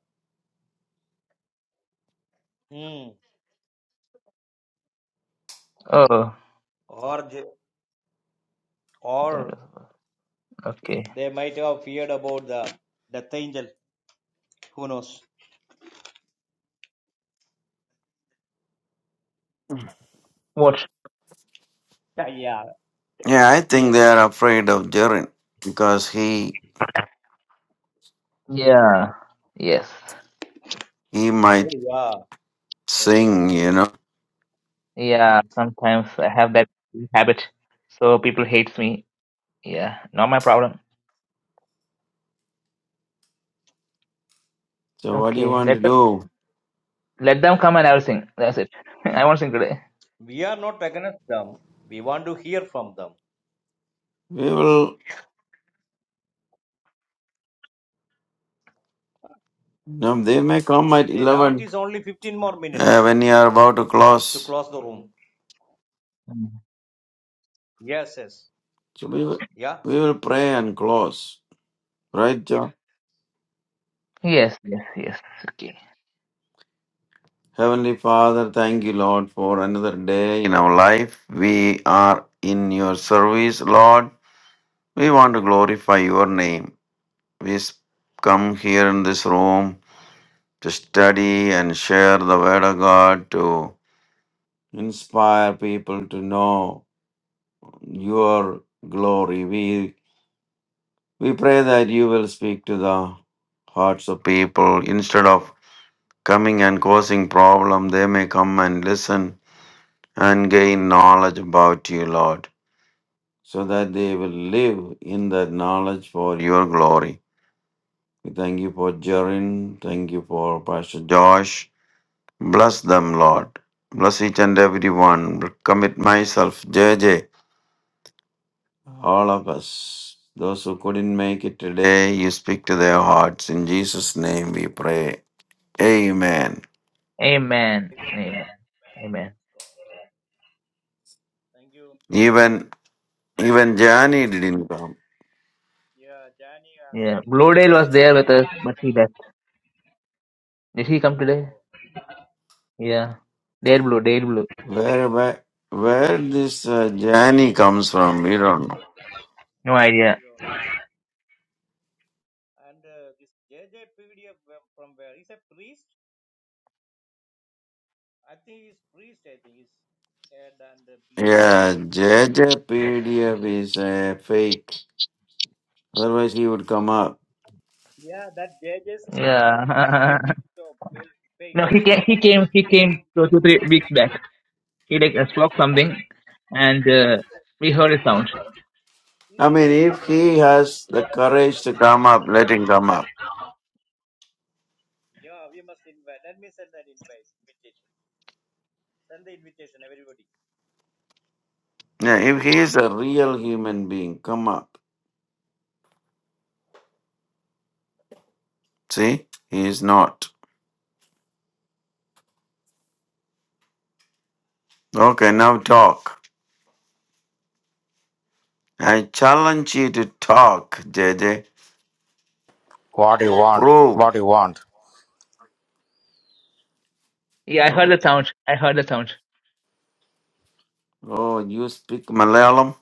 Hmm.
Oh.
Or, they- or
Okay.
they might have feared about the death angel. Who knows?
What?
Yeah. yeah.
Yeah, I think
Yes.
they are afraid of Jarin because he
Yeah. Yes.
he might
Oh, yeah.
sing, you know.
Yeah. Sometimes I have that habit, so people hates me. Yeah. Not my problem.
So what do you
Okay.
want to
Let them,
do?
let them come and I'll sing. That's it. I won't sing today.
We are not against them. We want to hear from them.
We will. No, they may come at
Eh, Now it
eleven
is only 15 more minutes
uh, when you are about to
to
close.
close the room.
Mm.
Yes, yes.
So we will,
Yeah.
we will pray and close, right, John?
Yes. Yes. Yes. Okay.
Heavenly Father, thank you, Lord, for another day in our life. We are in your service, Lord. We want to glorify your name. We s- come here in this room to study and share the Word of God, to inspire people to know your glory. We, we pray that you will speak to the hearts of people instead of coming and causing problem they may come and listen and gain knowledge about you, Lord, so that they will live in that knowledge for your glory. We thank you for Jarin. Thank you for Pastor Josh. Bless them, Lord. Bless each and every one. Commit myself, J J. all of us. Those who couldn't make it today, you speak to their hearts. In Jesus' name we pray. Amen.
Amen. Amen. Amen.
Even even Jani didn't come.
Yeah. Blue Dale was there with us, but he left. Did he come today? Yeah. Dale Blue. Dale Blue.
Where where, where this uh, Jani comes from, we don't know.
No idea.
I think he's priest, I think. He's head and the beard.
Yeah, JJ PDF is a fake. Otherwise, he would come up.
Yeah. no, he came. He came. He came two, two, three weeks back. He like uh, spoke something, and uh, we heard a sound.
I mean, if he has the courage to come up, let him come up. Yeah, if he is a real human being, come up. See, he is not. Okay, now talk. I challenge you to talk, J J.
What do you want?
Prove.
What do you want?
Yeah, I heard
Oh,
the sound. I heard the sound.
oh, you speak Malayalam?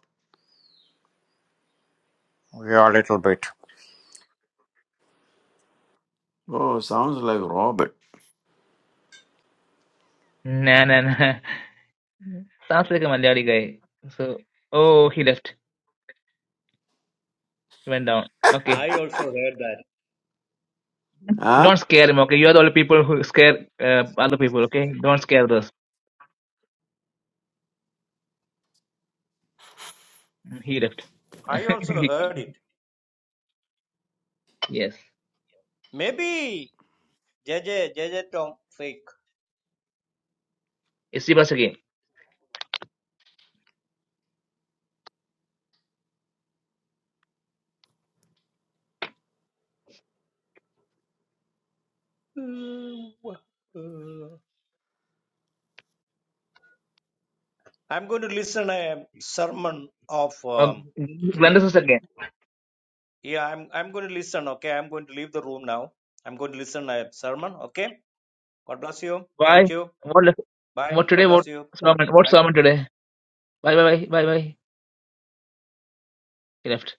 Yeah, a little bit.
Oh, sounds like Robert.
Nah, nah, nah. Sounds like a Malayali guy. So, oh, he left. He went down. Okay.
I also heard that.
Huh?
Don't scare him, okay? You are the only people who scare uh, other people, okay? Don't scare those. He left.
I also heard it.
yes.
Maybe JJ, JJ Tom, fake.
It's Sivas again.
I'm going to listen a sermon of,
Um,
um,
Glenda's is again.
yeah, I'm, I'm going to listen, okay? I'm going to leave the room now. I'm going to listen a sermon, okay? God bless you.
Why?
Thank you.
What left?
Bye.
What today?
God bless
What
you. Thank
sermon?
you. Bye.
What sermon today? Bye, bye, bye, bye, bye. He left.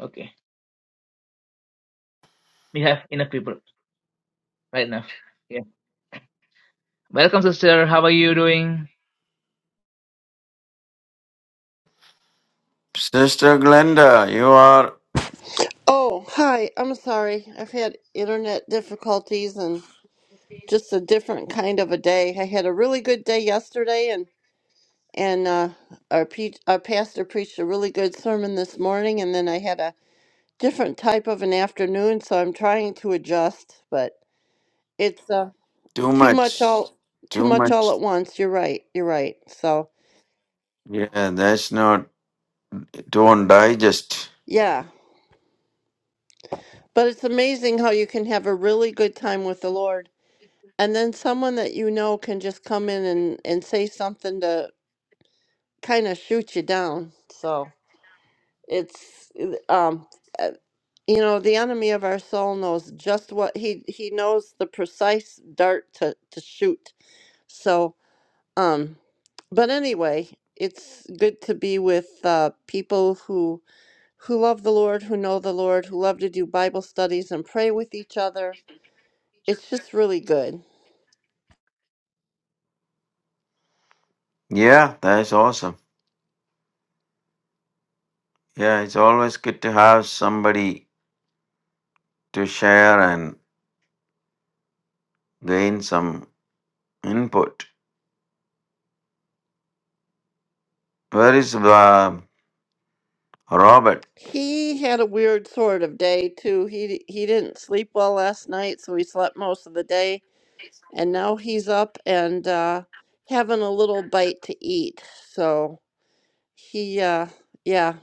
Okay. We have enough people. Right enough. Welcome, sister. How are you doing?
Sister Glenda, you are
Oh, hi. I'm sorry. I've had internet difficulties and just a different kind of a day. I had a really good day yesterday and and uh, our, pe- our pastor preached a really good sermon this morning and then I had a different type of an afternoon, so I'm trying to adjust, but it's uh,
too
too much
much.
all too
Too
much all
much.
at once. You're right. You're right. So,
Yeah, that's not, don't digest.
yeah. But it's amazing how you can have a really good time with the Lord And then someone that you know can just come in and, and say something to kind of shoot you down. So it's, uh, um, uh, you know, the enemy of our soul knows just what he, he knows the precise dart to, to shoot. So, um, but anyway, it's good to be with uh, people who who love the Lord, who know the Lord, who love to do Bible studies and pray with each other. It's just really good.
Yeah, that's awesome. Yeah, it's always good to have somebody to share and gain some input. Where is uh, Robert?
He had a weird sort of day too. He he didn't sleep well last night, so he slept most of the day, and now he's up and uh, having a little bite to eat. So he, uh, yeah.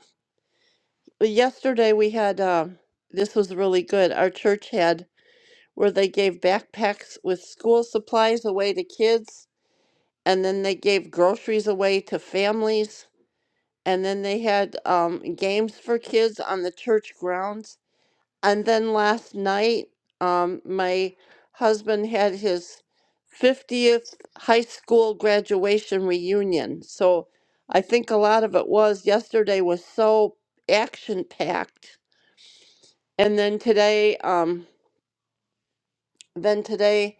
But Yesterday we had um, this was really good. Our church had where they gave backpacks with school supplies away to kids, and then they gave groceries away to families, and then they had um, games for kids on the church grounds and then last night, um, my husband had his 50th high school graduation reunion. So I think a lot of it was yesterday was so action packed. And then today, um, then today,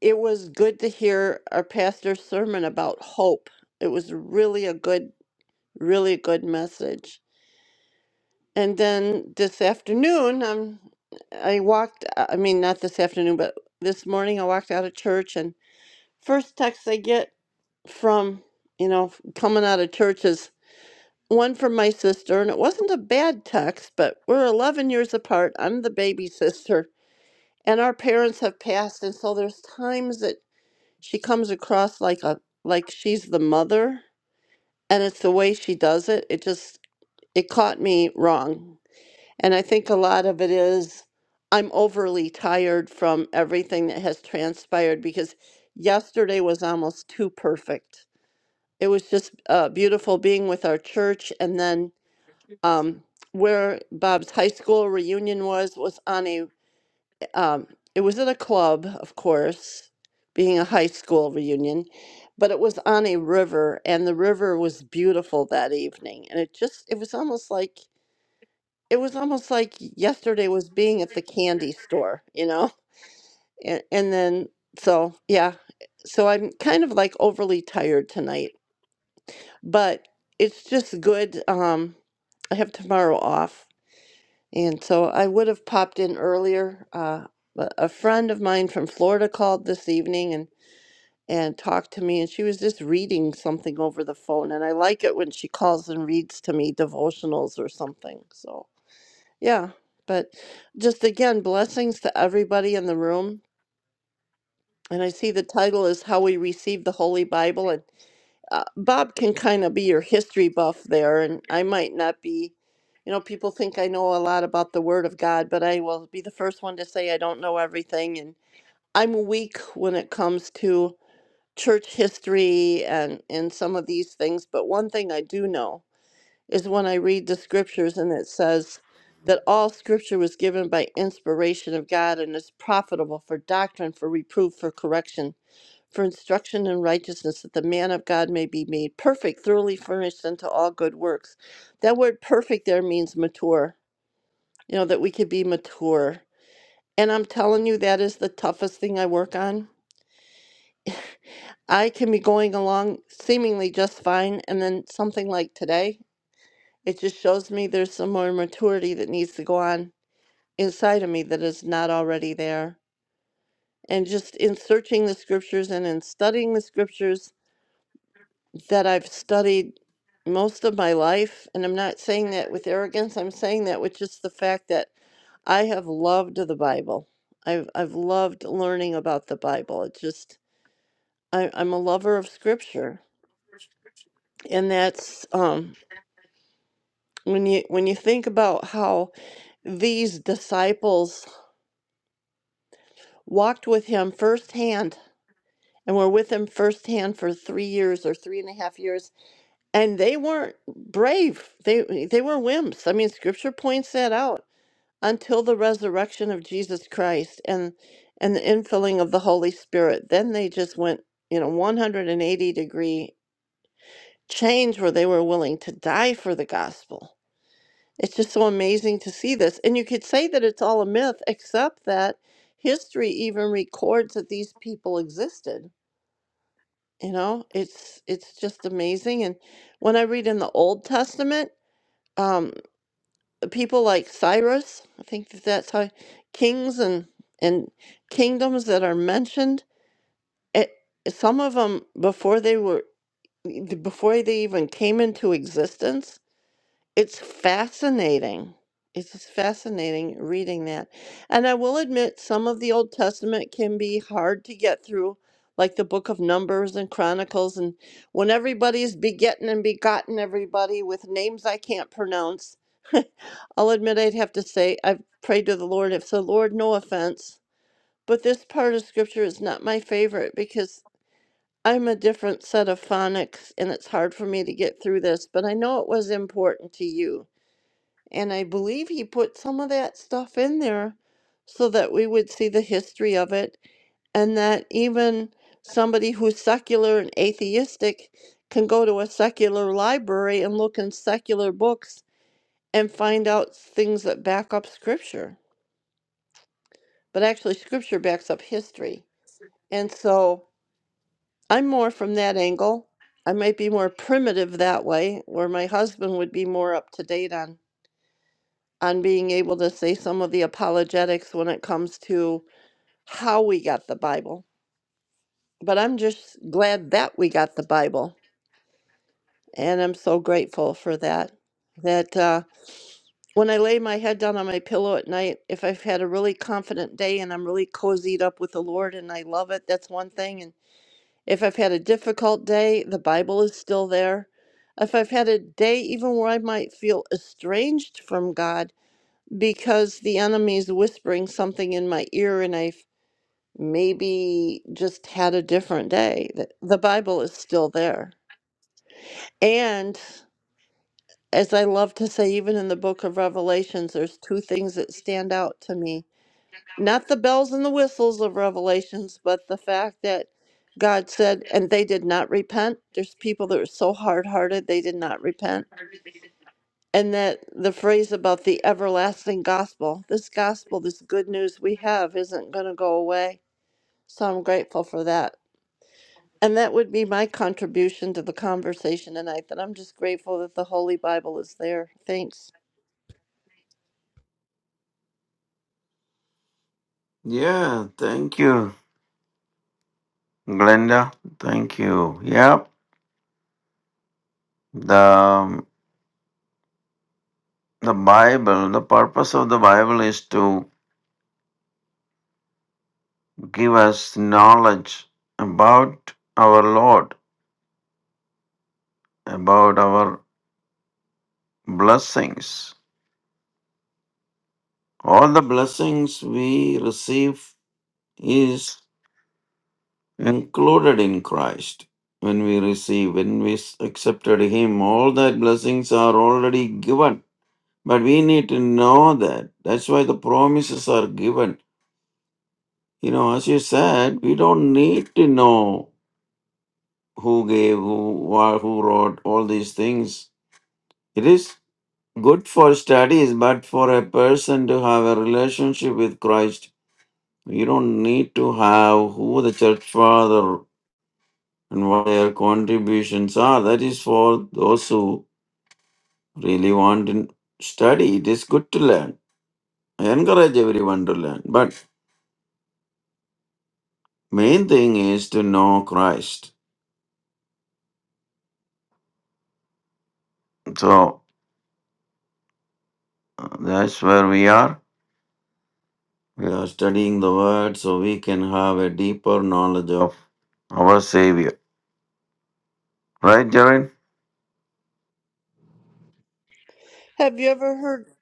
it was good to hear our pastor's sermon about hope. It was really a good, really good message. And then this afternoon, um, I walked, uh, I mean, not this afternoon, but this morning I walked out of church and first text I get from, you know, coming out of church is one from my sister. And it wasn't a bad text, but we're 11 years apart. I'm the baby sister and our parents have passed. And so there's times that she comes across like a, like she's the mother and it's the way she does it. It just, it caught me wrong and I think a lot of it is I'm overly tired from everything that has transpired because yesterday was almost too perfect. It was just uh, beautiful being with our church and then um, where Bob's high school reunion was was on a um, it was at a club, of course, being a high school reunion, but it was on a river and the river was beautiful that evening and it just it was almost like it was almost like yesterday was being at the candy store, you know? And, and then, so yeah, so I'm kind of like overly tired tonight, but it's just good. Um, I have tomorrow off, and so I would have popped in earlier. Uh, but a friend of mine from Florida called this evening and and talked to me, and she was just reading something over the phone, and I like it when she calls and reads to me devotionals or something. So. Yeah, but just again, blessings to everybody in the room. And I see the title is How We Receive the Holy Bible. And uh, Bob can kind of be your history buff there. And I might not be, you know, people think I know a lot about the Word of God, but I will be the first one to say I don't know everything. And I'm weak when it comes to church history and, and some of these things. But one thing I do know is when I read the scriptures and it says that all scripture was given by inspiration of God and is profitable for doctrine, for reproof, for correction, for instruction in righteousness, that the man of God may be made perfect, thoroughly furnished unto all good works. That word perfect there means mature, you know, that we could be mature. And I'm telling you, that is the toughest thing I work on. I can be going along seemingly just fine, and then something like today, it just shows me there's some more maturity that needs to go on inside of me that is not already there. And just in searching the scriptures and in studying the scriptures that I've studied most of my life, and I'm not saying that with arrogance, I'm saying that with just the fact that I have loved the Bible. I've, I've loved learning about the Bible. It's just, I, I'm a lover of scripture. And that's um, when you when you think about how these disciples walked with him firsthand and were with him firsthand for three years or three and a half years, and they weren't brave. They they were wimps. I mean, Scripture points that out until the resurrection of Jesus Christ and and the infilling of the Holy Spirit. Then they just went, you know, 180 degree change where they were willing to die for the gospel. It's just so amazing to see this. And you could say that it's all a myth, except that history even records that these people existed you know it's it's just amazing and when i read in the old testament um people like cyrus i think that that's how kings and and kingdoms that are mentioned it some of them before they were e, before they even came into existence it's fascinating. It's just fascinating reading that. And I will admit, some of the Old Testament can be hard to get through, like the book of Numbers and Chronicles. And when everybody's begetting and begotten everybody with names I can't pronounce, I'll admit I'd have to say I've prayed to the Lord. If so, Lord, no offense. But this part of scripture is not my favorite because I'm a different set of phonics and it's hard for me to get through this. But I know it was important to you. And I believe he put some of that stuff in there so that we would see the history of it and that even somebody who's secular and atheistic can go to a secular library and look in secular books and find out things that back up scripture. But actually, scripture backs up history. And so I'm more from that angle. I might be more primitive that way, where my husband would be more up to date on on being able to say some of the apologetics when it comes to how we got the Bible. But I'm just glad that we got the Bible. And I'm so grateful for that. That uh, when I lay my head down on my pillow at night, if I've had a really confident day and I'm really cozied up with the Lord and I love it, that's one thing. And if I've had a difficult day, the Bible is still there. If I've had a day even where I might feel estranged from God, because the enemy's whispering something in my ear and I've maybe just had a different day. That The Bible is still there. And as I love to say, even in the book of Revelations, there's two things that stand out to me. Not the bells and the whistles of Revelations, but the fact that God said, and they did not repent. There's people that are so hard hearted, they did not repent And that the phrase about the everlasting gospel, this gospel, this good news we have isn't going to go away. So I'm grateful for that. And that would be my contribution to the conversation tonight that I'm just grateful that the Holy Bible is there. Thanks.
Yeah, thank you, Glenda. Thank you. Yeah, the um, the Bible. The purpose of the Bible is to give us knowledge about our Lord about our blessings. All the blessings we receive is included in Christ. When we receive, when we s- accepted Him, all that blessings are already given. But we need to know that. That's why the promises are given. You know, as you said, we don't need to know who gave, who, wha- who wrote all these things. It is good for studies, but for a person to have a relationship with Christ, You don't need to have who the church father and what their contributions are. That is for those who really want to study. It is good to learn. I encourage everyone to learn. But main thing is to know Christ. So uh, that's where we are. We are studying the word so we can have a deeper knowledge of our Savior. Right, Jared?
Have you ever heard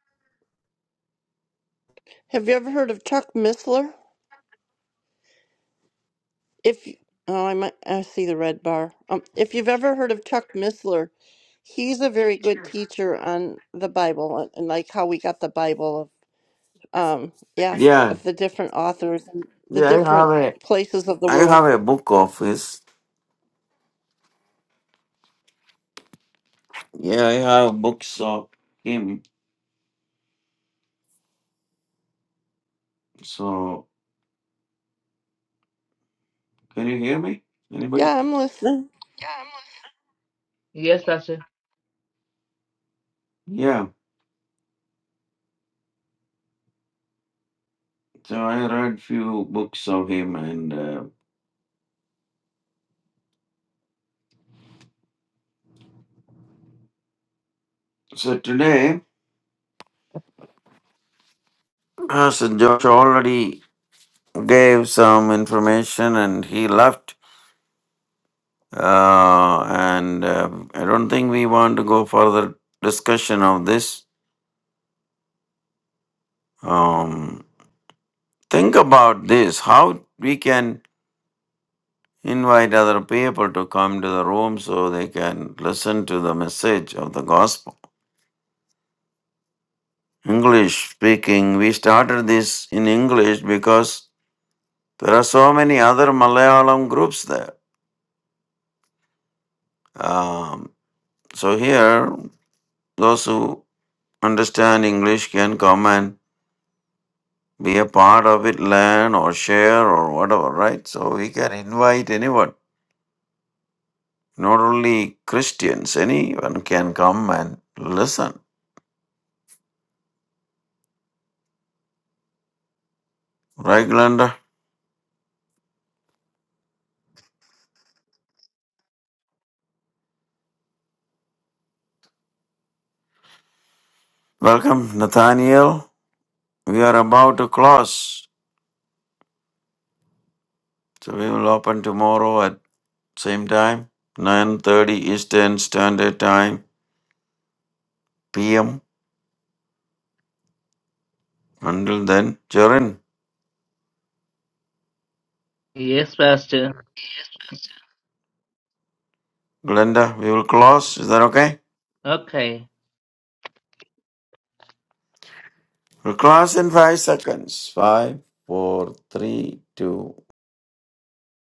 have you ever heard of Chuck Missler? If you- oh, I might I see the red bar. Um, if you've ever heard of Chuck Missler, he's a very good teacher on the Bible and and like how we got the Bible um yeah
Yeah.
of the different authors and the
Yeah, I
different
have a
places of the
I
world
have a book office. Yeah, I have books of him So, can you hear me? Anybody?
yeah i'm listening
Yes, Pastor.
Yeah. So I read few books of him, and uh, so today, as Josh already gave some information, and he left, uh, and uh, I don't think we want to go further discussion of this. Um, think about this: how we can invite other people to come to the room so they can listen to the message of the gospel. English speaking. We started this in English because there are so many other Malayalam groups there. Um, so here, those who understand English can come and be a part of it, learn or share or whatever, right? So we can invite anyone, not only Christians, anyone can come and listen. Right, Glenda? Welcome, Nathaniel. We are about to close. So we will open tomorrow at same time 9.30 eastern standard time pm until then Jaren,
Yes, Pastor.
glenda we will close is that okay
Okay.
we'll close in five seconds five four three two